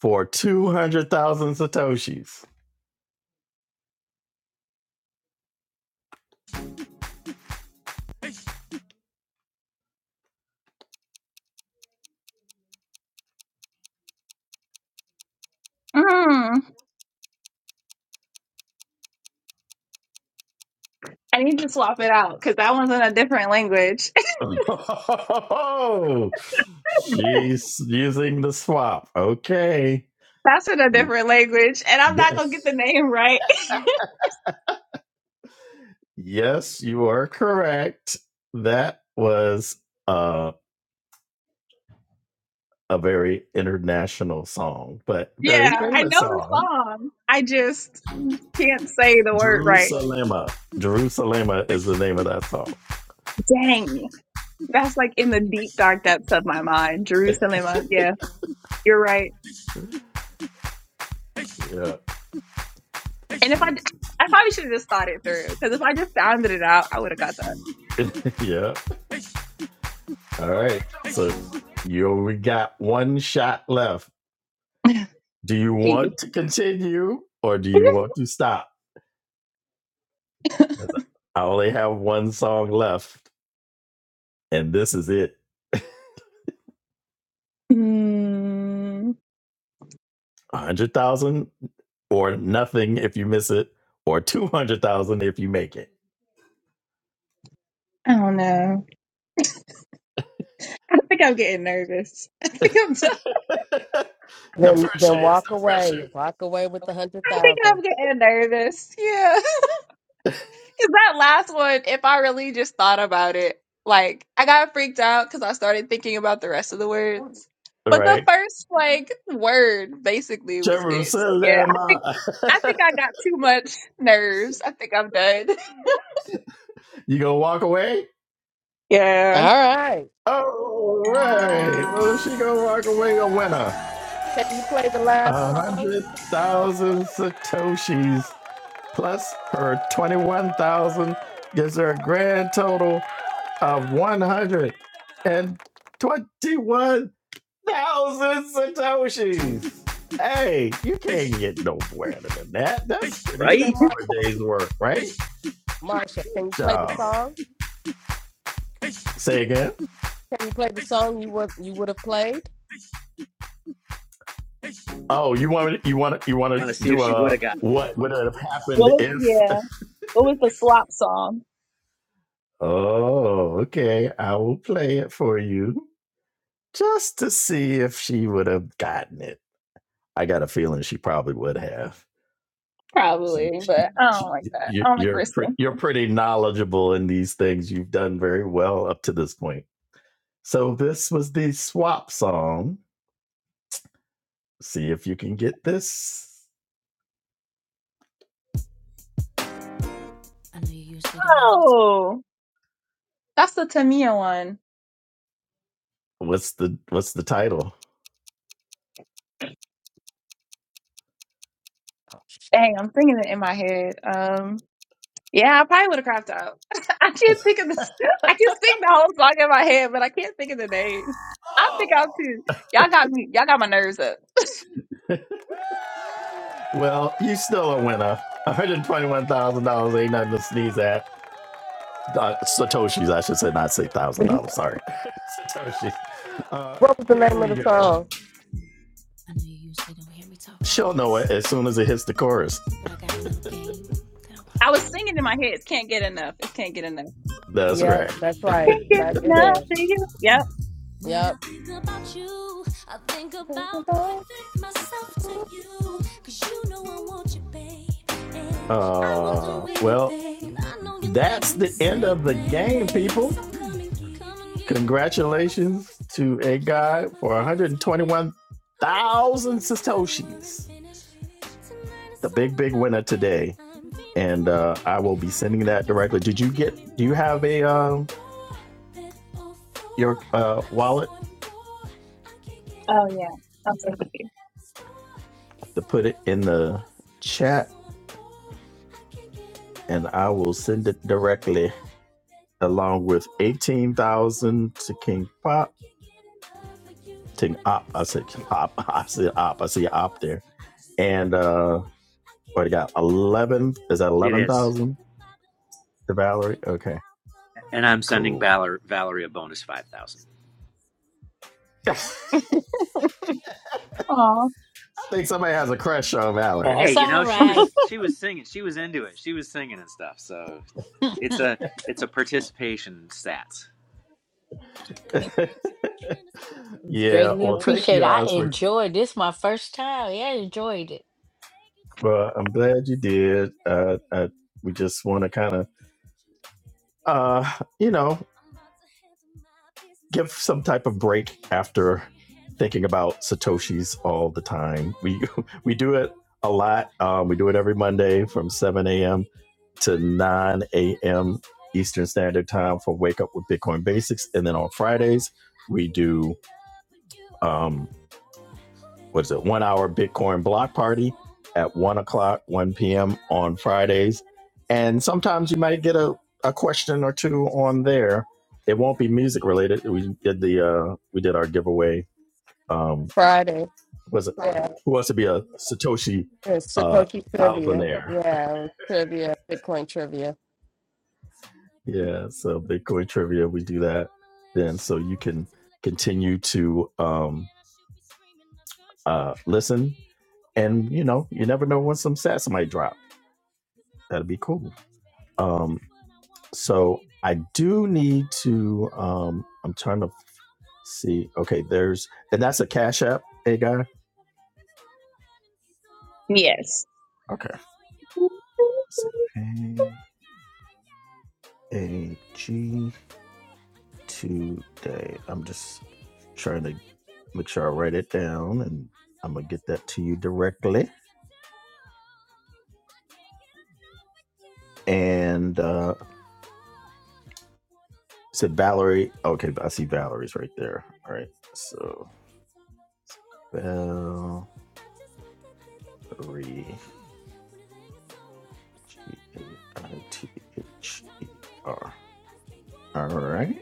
For 200,000 Satoshis. Mm, I need to swap it out because that one's in a different language. Oh, she's using the swap. Okay. That's in a different language, and I'm not gonna get the name right. Yes, you are correct. That was uh, a very international song, but yeah, very I famous know the song. song. I just can't say the word right. Jerusalem. Jerusalem is the name of that song. Dang, that's like in the deep dark depths of my mind. Jerusalem. uh, Yeah, you're right. Yeah. And if I, I probably should have just thought it through because if I just sounded it out, I would have got yeah. All right. So you only got one shot left. that. Do you Jeez. want to continue or do you want to stop? I only have one song left, and this is it. A Hmm. hundred thousand or nothing if you miss it, or two hundred thousand if you make it. I don't know. I think I'm getting nervous. I think I'm. done. the Then then pressure, it's walk the away. pressure. Walk away with the hundred I think thousand. I'm getting nervous. Yeah, because that last one, if I really just thought about it, like I got freaked out because I started thinking about the rest of the words. All But the right. first All like word basically was it. So yeah, Jerusalem. I think I think I got too much nerves. I think I'm done. you gonna walk away? yeah. right. All right. Well, she gonna walk away a winner. Can you play the live A song? hundred thousand satoshis plus her twenty-one thousand gives her a grand total of one hundred and twenty-one thousand satoshis. Hey, you can't get no better than that. That's pretty good Say right? for a Marshall. day's work, right? Marshall, can you play So, the song? say again. Can you play the song you would you would have played? Oh, you want to, you want to, you want Want to to see if do she would a have got it. what would have What happened was if? yeah? What was the slop song? Oh, okay. I will play it for you. just to see if she would have gotten it. I got a feeling she probably would have. She- Probably, but she- I don't like that. you- I don't like are pre- risking. you're pretty knowledgeable in these things. You've done very well up to this point. So this was the swap song. See if you can get this. I know you usually don't hear me. Oh, that's the Tamia one. What's the what's the title? Oh shit. Dang, I'm singing it in my head. Um, yeah, I probably would have crapped out. I can't think of the, I can sing the whole song in my head, but I can't think of the name. I'm big Oh. out too. Y'all got me. Y'all got my nerves up. Well, you still a winner. One hundred twenty-one thousand dollars ain't nothing to sneeze at. Uh, Satoshi's, I should say, not say thousand dollars. Sorry. Oh, Uh, what was the here name of we the go. song? I know you usually don't hear me talk. She'll know it as soon as it hits the chorus. I got a little game that I was singing in my head. Can't get enough. It's can't get enough. I'm... That's Yep, right. that's right. Can't get That it enough is. of you. Yep. When Yep. I think about you, I think about giving myself to you. Cause you know I want you, babe. Uh, well, that's the end of the game, people. So Congratulations to a guy for 121 thousand satoshis. The big big winner today, and uh, I will be sending that directly. Did you get? Do you have a um, your uh, wallet Oh yeah. I'm so happy. to put it in the chat, and I will send it directly along with eighteen thousand to King Pop. Taking op. I said op. I see op. I see op there. And uh what do you got? Eleven is that It eleven is. thousand to Valerie? Okay. And I'm sending Cool. Valer- Valerie a bonus 5,000. I Aw. think somebody has a crush on Valerie. Hey, That's you know, all she right. was, she was singing, she was into it. She was singing and stuff. So it's a, it's a participation stats. yeah. Greatly Well thank appreciate you it. I guys for enjoyed this my first time. Yeah, I enjoyed it. well, I'm glad you did. Uh, uh we just wanna kinda uh, you know, give some type of break after thinking about satoshis all the time. We we do it a lot. Um, we do it every Monday from 7 a.m. to 9 a.m. Eastern Standard Time for Wake Up with Bitcoin Basics, and then on Fridays we do um, what is it, one hour Bitcoin block party at one o'clock, 1 p.m. on Fridays. And sometimes you might get a, a question or two on there. It won't be music related. We did the uh, we did our giveaway. Um, Friday. was it Yeah. Friday. who wants to be a Satoshi It's uh, Satoshi Trivia. thousandaire? Yeah, it was trivia, Bitcoin trivia. Yeah, so Bitcoin trivia, we do that then, so you can continue to um, uh, listen. And you know, you never know when some sass might drop. That'd be cool. Um, So I do need to. Um, I'm trying to see. Okay, there's and that's a Cash App, a guy. Yes. Okay. Let's see. A A G today. I'm just trying to make sure I write it down, and I'm gonna get that to you directly. And uh, said Valerie. Okay, I see Valerie's right there. All right. So Valerie G A I T H E R. All right.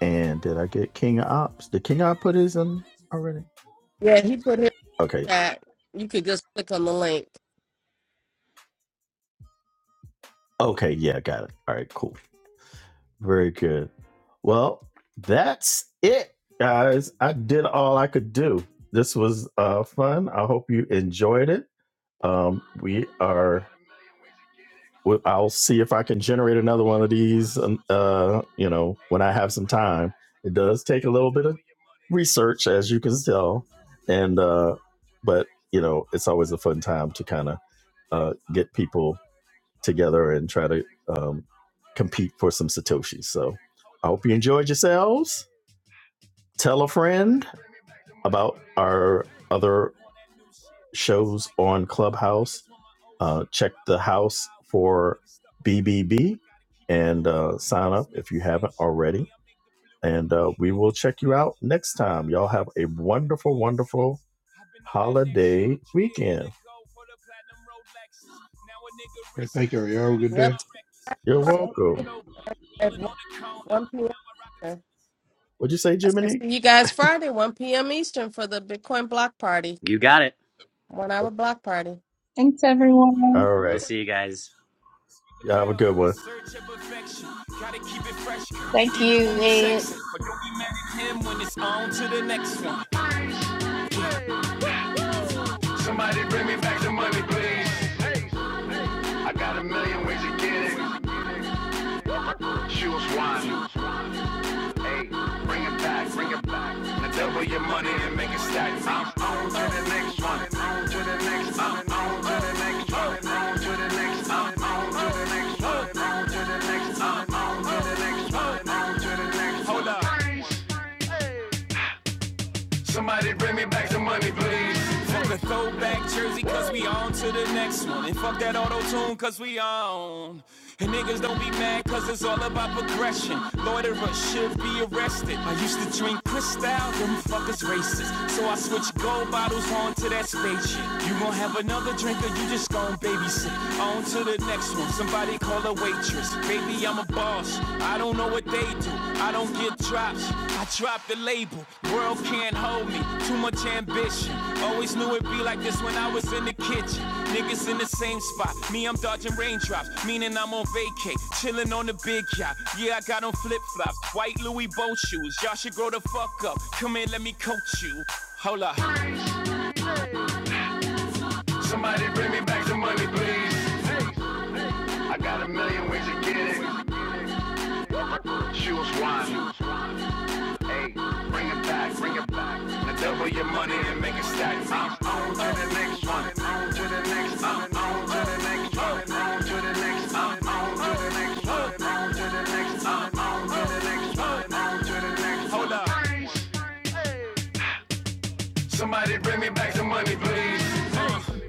And did I get King of Ops? Did King of Ops put his in already? Yeah, he put his Okay. chat. You could just click on the link. Okay. Yeah, got it. All right, cool. Very good. Well, that's it, guys. I did all I could do. This was uh, fun. I hope you enjoyed it. Um, we are Well, I'll see if I can generate another one of these. um, Uh, you know, when I have some time, it does take a little bit of research, as you can tell, and uh, but you know, it's always a fun time to kind of uh, get people together and try to um, compete for some satoshis. So I hope you enjoyed yourselves. Tell a friend about our other shows on Clubhouse. Uh, check the house for BBB and uh, sign up if you haven't already. And uh, we will check you out next time. Y'all have a wonderful, wonderful holiday weekend. right, thank you. Y'all have a good day. Yep. You're welcome. Friday At 1 1 p.m. What'd you say, I said, Jiminy? see you guys Friday, 1 p.m. Eastern for the Bitcoin block party, You got it. one hour block party. Thanks everyone. All We'll right. see you guys. Y'all have a good Thank you, Ed. one. Somebody bring me back the money, please. I got a million ways to get it. Choose one. Hey, bring it back, bring it back. Now double your money and make it stack. I'm on to the next one. On to the next. one. on to the next one. On to the next. one. on to the next one. On to the next. one. on to the next one. On to the next. one. Hold up. Somebody bring me back the money, please. I used to drink Cristal, them fuckers racist. So I switched gold bottles on to that spaceship. You gon' have another drink or you just gon' babysit. On to the next one, somebody call a waitress. Baby, I'm a boss, I don't know what they do. I don't get drops, I drop the label. World can't hold me, too much ambition. Always knew it'd be like this when I was in the kitchen. Niggas in the same spot, me, I'm dodging raindrops. Meaning I'm on vacay, chillin' on the big yacht. The- Hey. Somebody bring me back the money, please. I got a million ways to get it. Choose one. Hey, bring it back, bring it back. Now double your money and make it stack. I'm on to the next one. On to the next. one. on to the next one. On to the next. one. on to the next one. On to the next. one. on to the next one. On to the next. one. Hold up. Somebody bring me back the money, please.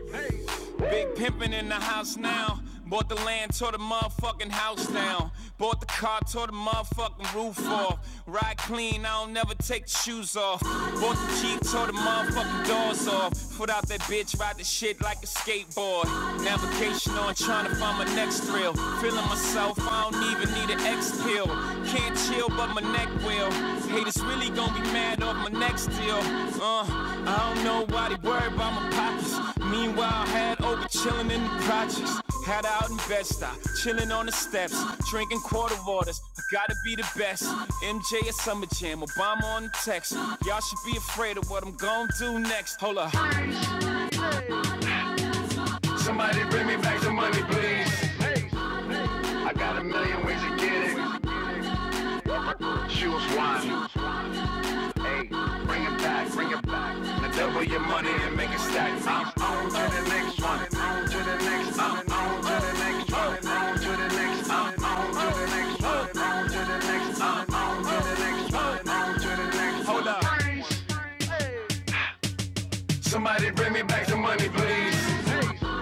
Big pimpin' in the house now. Bought the land, tore the motherfucking house down. Bought the car, tore the motherfucking roof off. Ride clean, I don't never take the shoes off. Bought the Jeep, tore the motherfucking doors off. Foot out that bitch, ride the shit like a skateboard. Navigation on, trying to find my next thrill. Feeling myself, I don't even need an X pill. Can't can't chill, but my neck will. Haters really gon' be mad off my neck still. Uh, I don't know why they worry about my pockets. Meanwhile, had over chillin' in the projects. Had out in bed stop, chilling on the steps, drinking quarter waters. I gotta be the best. MJ at Summer Jam, Obama on the text. Y'all should be afraid of what I'm gon' do next. Hold up. Somebody bring me back the money, please. I got a million ways to get it. Choose one. Hey, bring it back, bring it back. Now double your money and make it stack. I'm on to the next one. On to the next. one. on to the next one. On to the next. one. on to the next one. On to the next. one. on to the next one. On to the next. one. Hold up. Somebody bring me back the money, please.